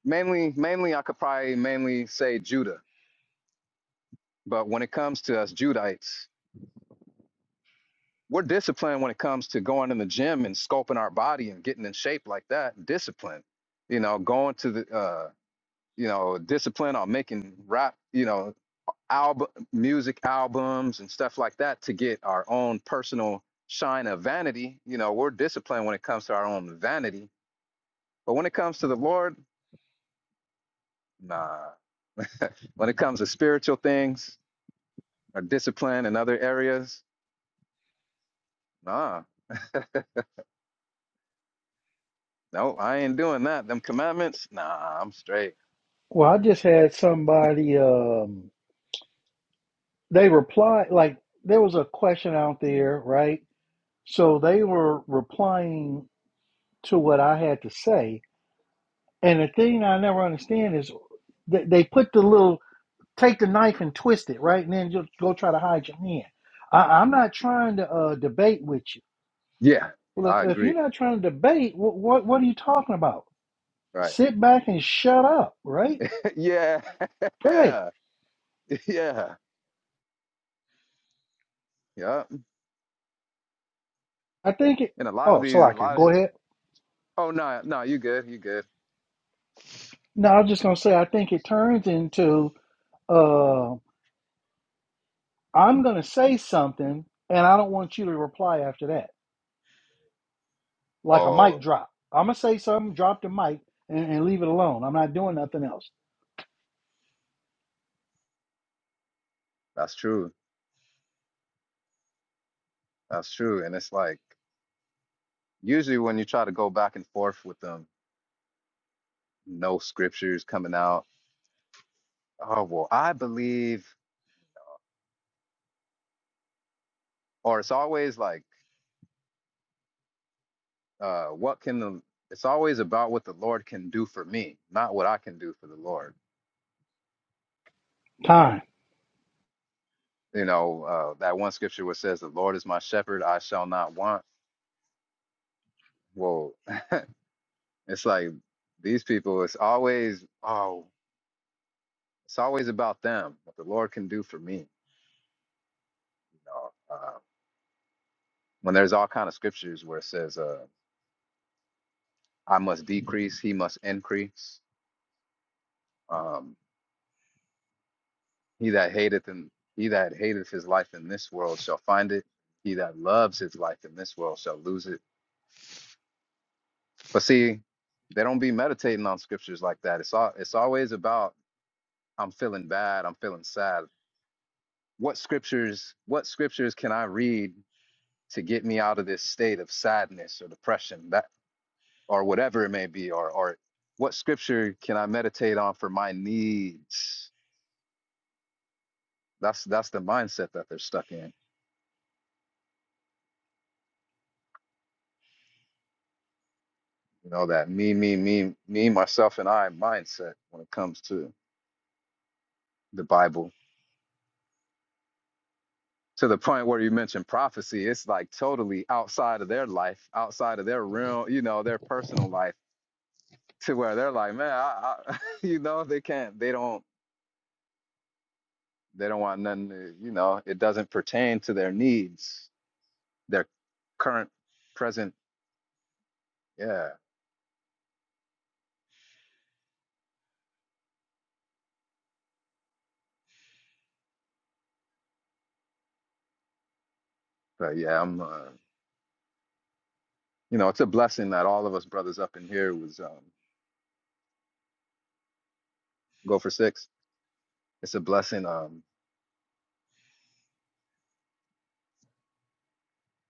[SPEAKER 4] mainly mainly I could probably mainly say Judah. But when it comes to us Judites, we're disciplined when it comes to going in the gym and sculpting our body and getting in shape like that. Discipline, you know, going to the uh, you know, discipline on making rap, you know, album music albums and stuff like that to get our own personal shine of vanity. You know, we're disciplined when it comes to our own vanity. But when it comes to the Lord, nah. (laughs) When it comes to spiritual things, or discipline in other areas. Nah, (laughs) no, I ain't doing that. Them commandments, nah, I'm straight.
[SPEAKER 1] Well, I just had somebody. Um, they replied like there was a question out there, right? So they were replying to what I had to say. And the thing I never understand is they, they put the little take the knife and twist it, right? And then you go try to hide your hand. I, I'm not trying to uh, debate with you.
[SPEAKER 4] Yeah,
[SPEAKER 1] Well,
[SPEAKER 4] I
[SPEAKER 1] if, if
[SPEAKER 4] agree.
[SPEAKER 1] you're not trying to debate, what, what what are you talking about?
[SPEAKER 4] Right.
[SPEAKER 1] Sit back and shut up, right?
[SPEAKER 4] (laughs) yeah. (laughs)
[SPEAKER 1] Right.
[SPEAKER 4] yeah. Yeah. yeah.
[SPEAKER 1] I think it.
[SPEAKER 4] And a lot of
[SPEAKER 1] Oh, so
[SPEAKER 4] these, a
[SPEAKER 1] I can
[SPEAKER 4] lot of,
[SPEAKER 1] go ahead.
[SPEAKER 4] oh, no, no, you good. You good.
[SPEAKER 1] No, I was just gonna say I think it turns into. uh, I'm going to say something, and I don't want you to reply after that, like a mic
[SPEAKER 4] Oh,
[SPEAKER 1] drop. I'm going to say something, drop the mic, and, and leave it alone. I'm not doing nothing else.
[SPEAKER 4] that's true. That's true. And it's like, usually when you try to go back and forth with them, no scriptures coming out. Oh, well, I believe, or it's always like, Uh, what can the? It's always about what the Lord can do for me, not what I can do for the Lord.
[SPEAKER 1] Time,
[SPEAKER 4] You know uh, that one scripture where it says, "The Lord is my shepherd; I shall not want." Well, (laughs) it's like these people. It's always oh, it's always about them. What the Lord can do for me. You know, uh, when there's all kind of scriptures where it says, uh, "I must decrease; He must increase." Um, he that hateth and he that hateth his life in this world shall find it. He that loves his life in this world shall lose it But see, they don't be meditating on scriptures like that. It's all it's always about I'm feeling bad, I'm feeling sad. What scriptures, what scriptures can I read to get me out of this state of sadness or depression that or whatever it may be, or or what scripture can I meditate on for my needs? That's that's the mindset that they're stuck in. You know, that me, me, me, me, myself, and I mindset when it comes to the Bible. to the point where you mentioned prophecy, it's like totally outside of their life, outside of their realm, you know, their personal life, to where they're like, man, I, I, (laughs) you know, they can't, they don't, they don't want nothing, to, you know, it doesn't pertain to their needs, their current, present, yeah. But yeah, I'm, uh, you know, it's a blessing that all of us brothers up in here was um, go for six. It's a blessing. Um,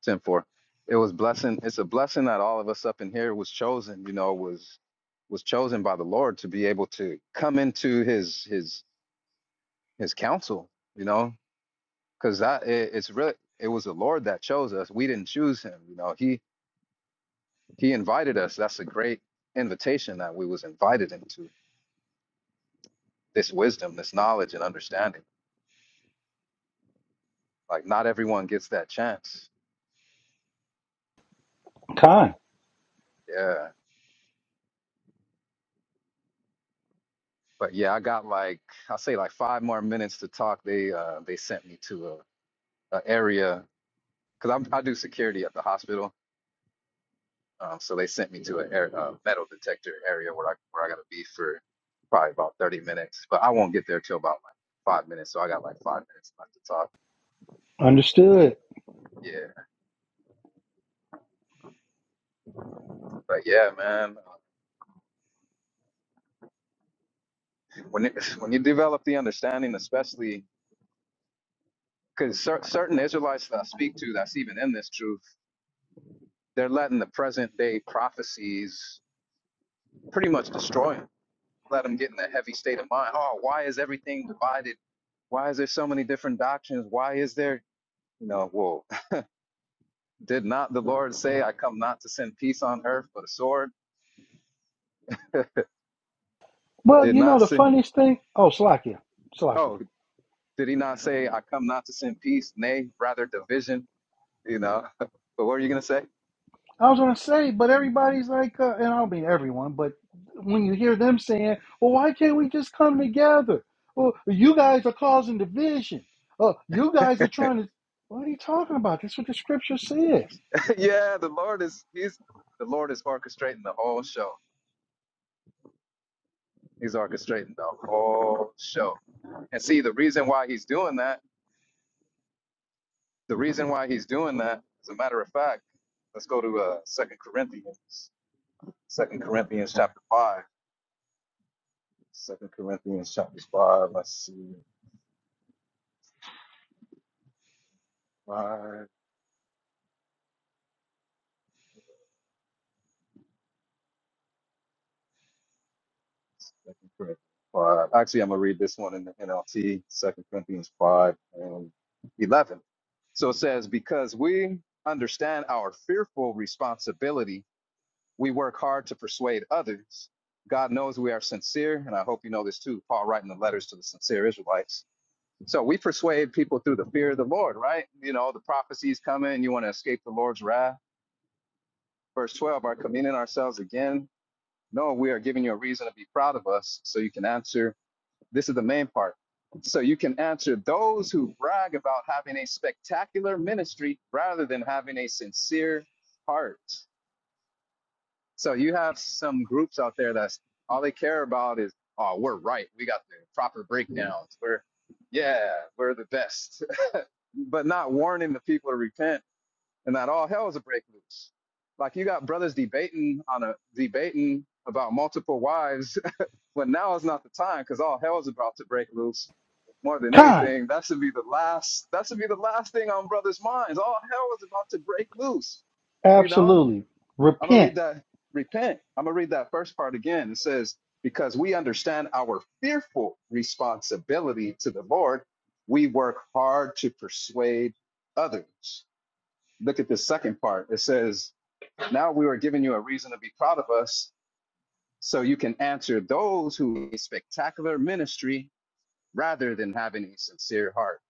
[SPEAKER 4] Ten four. It was blessing. It's a blessing that all of us up in here was chosen. You know, was was chosen by the Lord to be able to come into His His His counsel. You know, because that it, it's really it was the Lord that chose us. We didn't choose Him. You know, He He invited us. That's a great invitation that we was invited into this wisdom, this knowledge, and understanding. Like not everyone gets that chance.
[SPEAKER 1] time.
[SPEAKER 4] Yeah. But yeah, I got like I say like five more minutes to talk. They uh they sent me to a, a area because i do security at the hospital. Um, so they sent me to a air, uh, metal detector area where I where I gotta be for probably about 30 minutes. But I won't get there till about like five minutes. So I got like five minutes left to talk.
[SPEAKER 1] Understood.
[SPEAKER 4] Yeah, but yeah, man, uh, when it, (laughs) when you develop the understanding, especially because cer- certain Israelites that I speak to, that's even in this truth, they're letting the present day prophecies pretty much destroy them. Let them get in a heavy state of mind. Oh, why is everything divided? Why is there so many different doctrines? Why is there You know, whoa. (laughs) Did not the Lord say, I come not to send peace on earth, but a sword? (laughs)
[SPEAKER 1] Well,
[SPEAKER 4] Did
[SPEAKER 1] you know,
[SPEAKER 4] not
[SPEAKER 1] the
[SPEAKER 4] say,
[SPEAKER 1] funniest thing. Oh, Slakia, Slakia.
[SPEAKER 4] oh, did he not say, I come not to send peace, nay, rather division? You know, (laughs) but what are you going to say?
[SPEAKER 1] I was going to say, but everybody's like, uh, and I don't mean everyone, but when you hear them saying, well, why can't we just come together? Well, you guys are causing division. Oh, you guys are trying
[SPEAKER 4] (laughs)
[SPEAKER 1] to. What are you talking about? That's what the scripture says.
[SPEAKER 4] yeah, the Lord is, he's, the Lord is orchestrating the whole show. He's orchestrating the whole show. And see, the reason why he's doing that, the reason why he's doing that, as a matter of fact, let's go to uh, Second Corinthians, Second Corinthians chapter 5. Second Corinthians chapter five. Let's see. Five. Second Corinthians five. Actually, I'm gonna read this one in the NLT. Second Corinthians five and eleven. So it says, because we understand our fearful responsibility, we work hard to persuade others. God knows we are sincere, and I hope you know this too. Paul writing the letters to the sincere Israelites. So we persuade people through the fear of the Lord, right? You know, the prophecies coming, you want to escape the Lord's wrath verse 12 are commending ourselves again No, we are giving you a reason to be proud of us so you can answer. This is the main part. So you can answer those who brag about having a spectacular ministry rather than having a sincere heart. So you have some groups out there that's all they care about is, oh, we're right. We got the proper breakdowns. We're, yeah, we're the best, (laughs) but not warning the people to repent and that all hell is a break loose. Like you got brothers debating on a debating about multiple wives but now is not the time because all hell is about to break loose. More than
[SPEAKER 1] Kind.
[SPEAKER 4] anything, that should be the last. That should be the last thing on brothers' minds. All hell is about to break loose. You know,
[SPEAKER 1] Absolutely.
[SPEAKER 4] I'm gonna
[SPEAKER 1] Repent.
[SPEAKER 4] read that. Repent. I'm gonna read that first part again. It says, "Because we understand our fearful responsibility to the Lord, we work hard to persuade others." Look at the second part. It says, "Now we are giving you a reason to be proud of us so you can answer those who need spectacular ministry rather than having a sincere heart.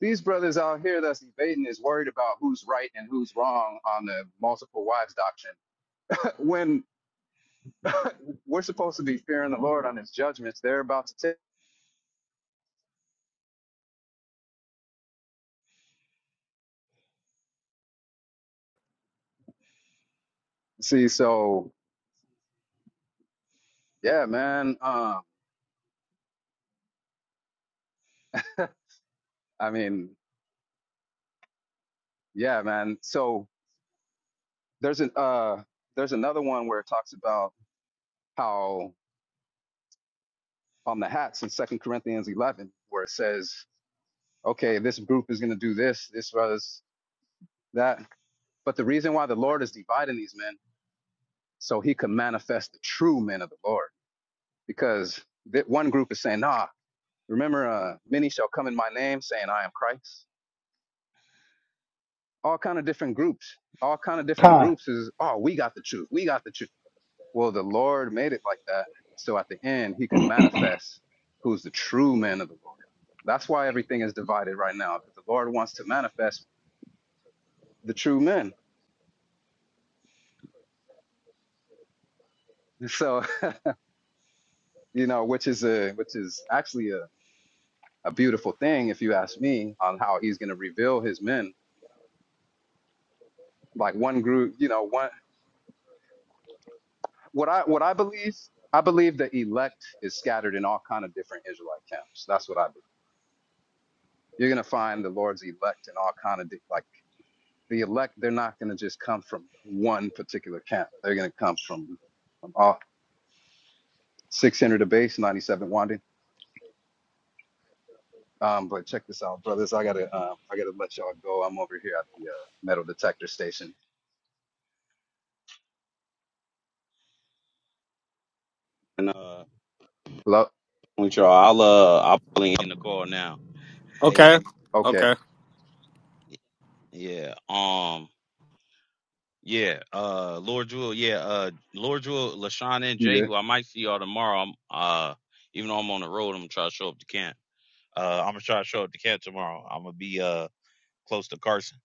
[SPEAKER 4] These brothers out here that's debating is worried about who's right and who's wrong on the multiple wives doctrine. (laughs) when (laughs) we're supposed to be fearing the Lord on his judgments, they're about to take. See, so yeah, man. Um, (laughs) I mean, yeah, man. So there's an uh there's another one where it talks about how on the hats in Second Corinthians eleven, where it says okay, this group is going to do this, this was that. But the reason why the Lord is dividing these men, so he could manifest the true men of the Lord. Because that one group is saying, nah, remember, uh, many shall come in my name saying, I am Christ. All kind of different groups, all kind of different
[SPEAKER 1] Con.
[SPEAKER 4] groups is, oh, we got the truth. We got the truth. Well, the Lord made it like that. So at the end, he could manifest who's the true men of the Lord. That's why everything is divided right now, because the Lord wants to manifest the true men. So (laughs) you know, which is a which is actually a, a beautiful thing if you ask me on how he's going to reveal his men. Like one group, you know, one what I what I believe, I believe the elect is scattered in all kind of different Israelite camps. That's what I believe. You're going to find the Lord's elect in all kind of di- like the elect. They're not going to just come from one particular camp. They're going to come from, from all 600 to base 97 Wanding. Um, but check this out, brothers. I gotta um, I gotta let y'all go. I'm over here at the uh, metal detector station.
[SPEAKER 2] And uh, with y'all, I'll uh, I'll probably end the call now. Hey,
[SPEAKER 3] Okay.
[SPEAKER 4] Okay,
[SPEAKER 3] Okay.
[SPEAKER 2] yeah, um, yeah, uh, Lord Jewel, yeah, uh, Lord Jewel, Lashawn and
[SPEAKER 4] you
[SPEAKER 2] Jay,
[SPEAKER 4] good?
[SPEAKER 2] who I might see y'all tomorrow. I'm uh, even though I'm on the road, I'm gonna try to show up to camp. Uh, I'm gonna try to show up to camp tomorrow. I'm gonna be uh. close to Carson.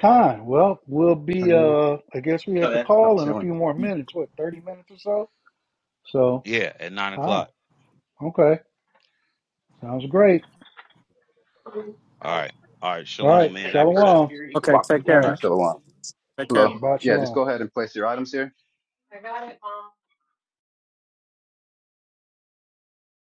[SPEAKER 1] Con. Well, we'll be
[SPEAKER 4] Turning off?
[SPEAKER 1] uh I guess we
[SPEAKER 4] So
[SPEAKER 1] have to
[SPEAKER 4] then, Not
[SPEAKER 1] call in a
[SPEAKER 4] chilling.
[SPEAKER 1] few more minutes, what, thirty minutes or so? So
[SPEAKER 2] Yeah, at nine
[SPEAKER 1] Con.
[SPEAKER 2] o'clock.
[SPEAKER 1] Okay. Sounds great.
[SPEAKER 2] All right. All right.
[SPEAKER 1] All
[SPEAKER 2] Shalom,
[SPEAKER 1] right.
[SPEAKER 2] man. I be savage.
[SPEAKER 1] Shalom. All
[SPEAKER 3] Okay, take
[SPEAKER 4] there
[SPEAKER 3] care.
[SPEAKER 1] right.
[SPEAKER 4] right, still on.
[SPEAKER 3] Take care.
[SPEAKER 4] Hello.
[SPEAKER 1] Shabbat
[SPEAKER 4] Yeah,
[SPEAKER 1] Shalom.
[SPEAKER 4] just go ahead and place your items here. I got it,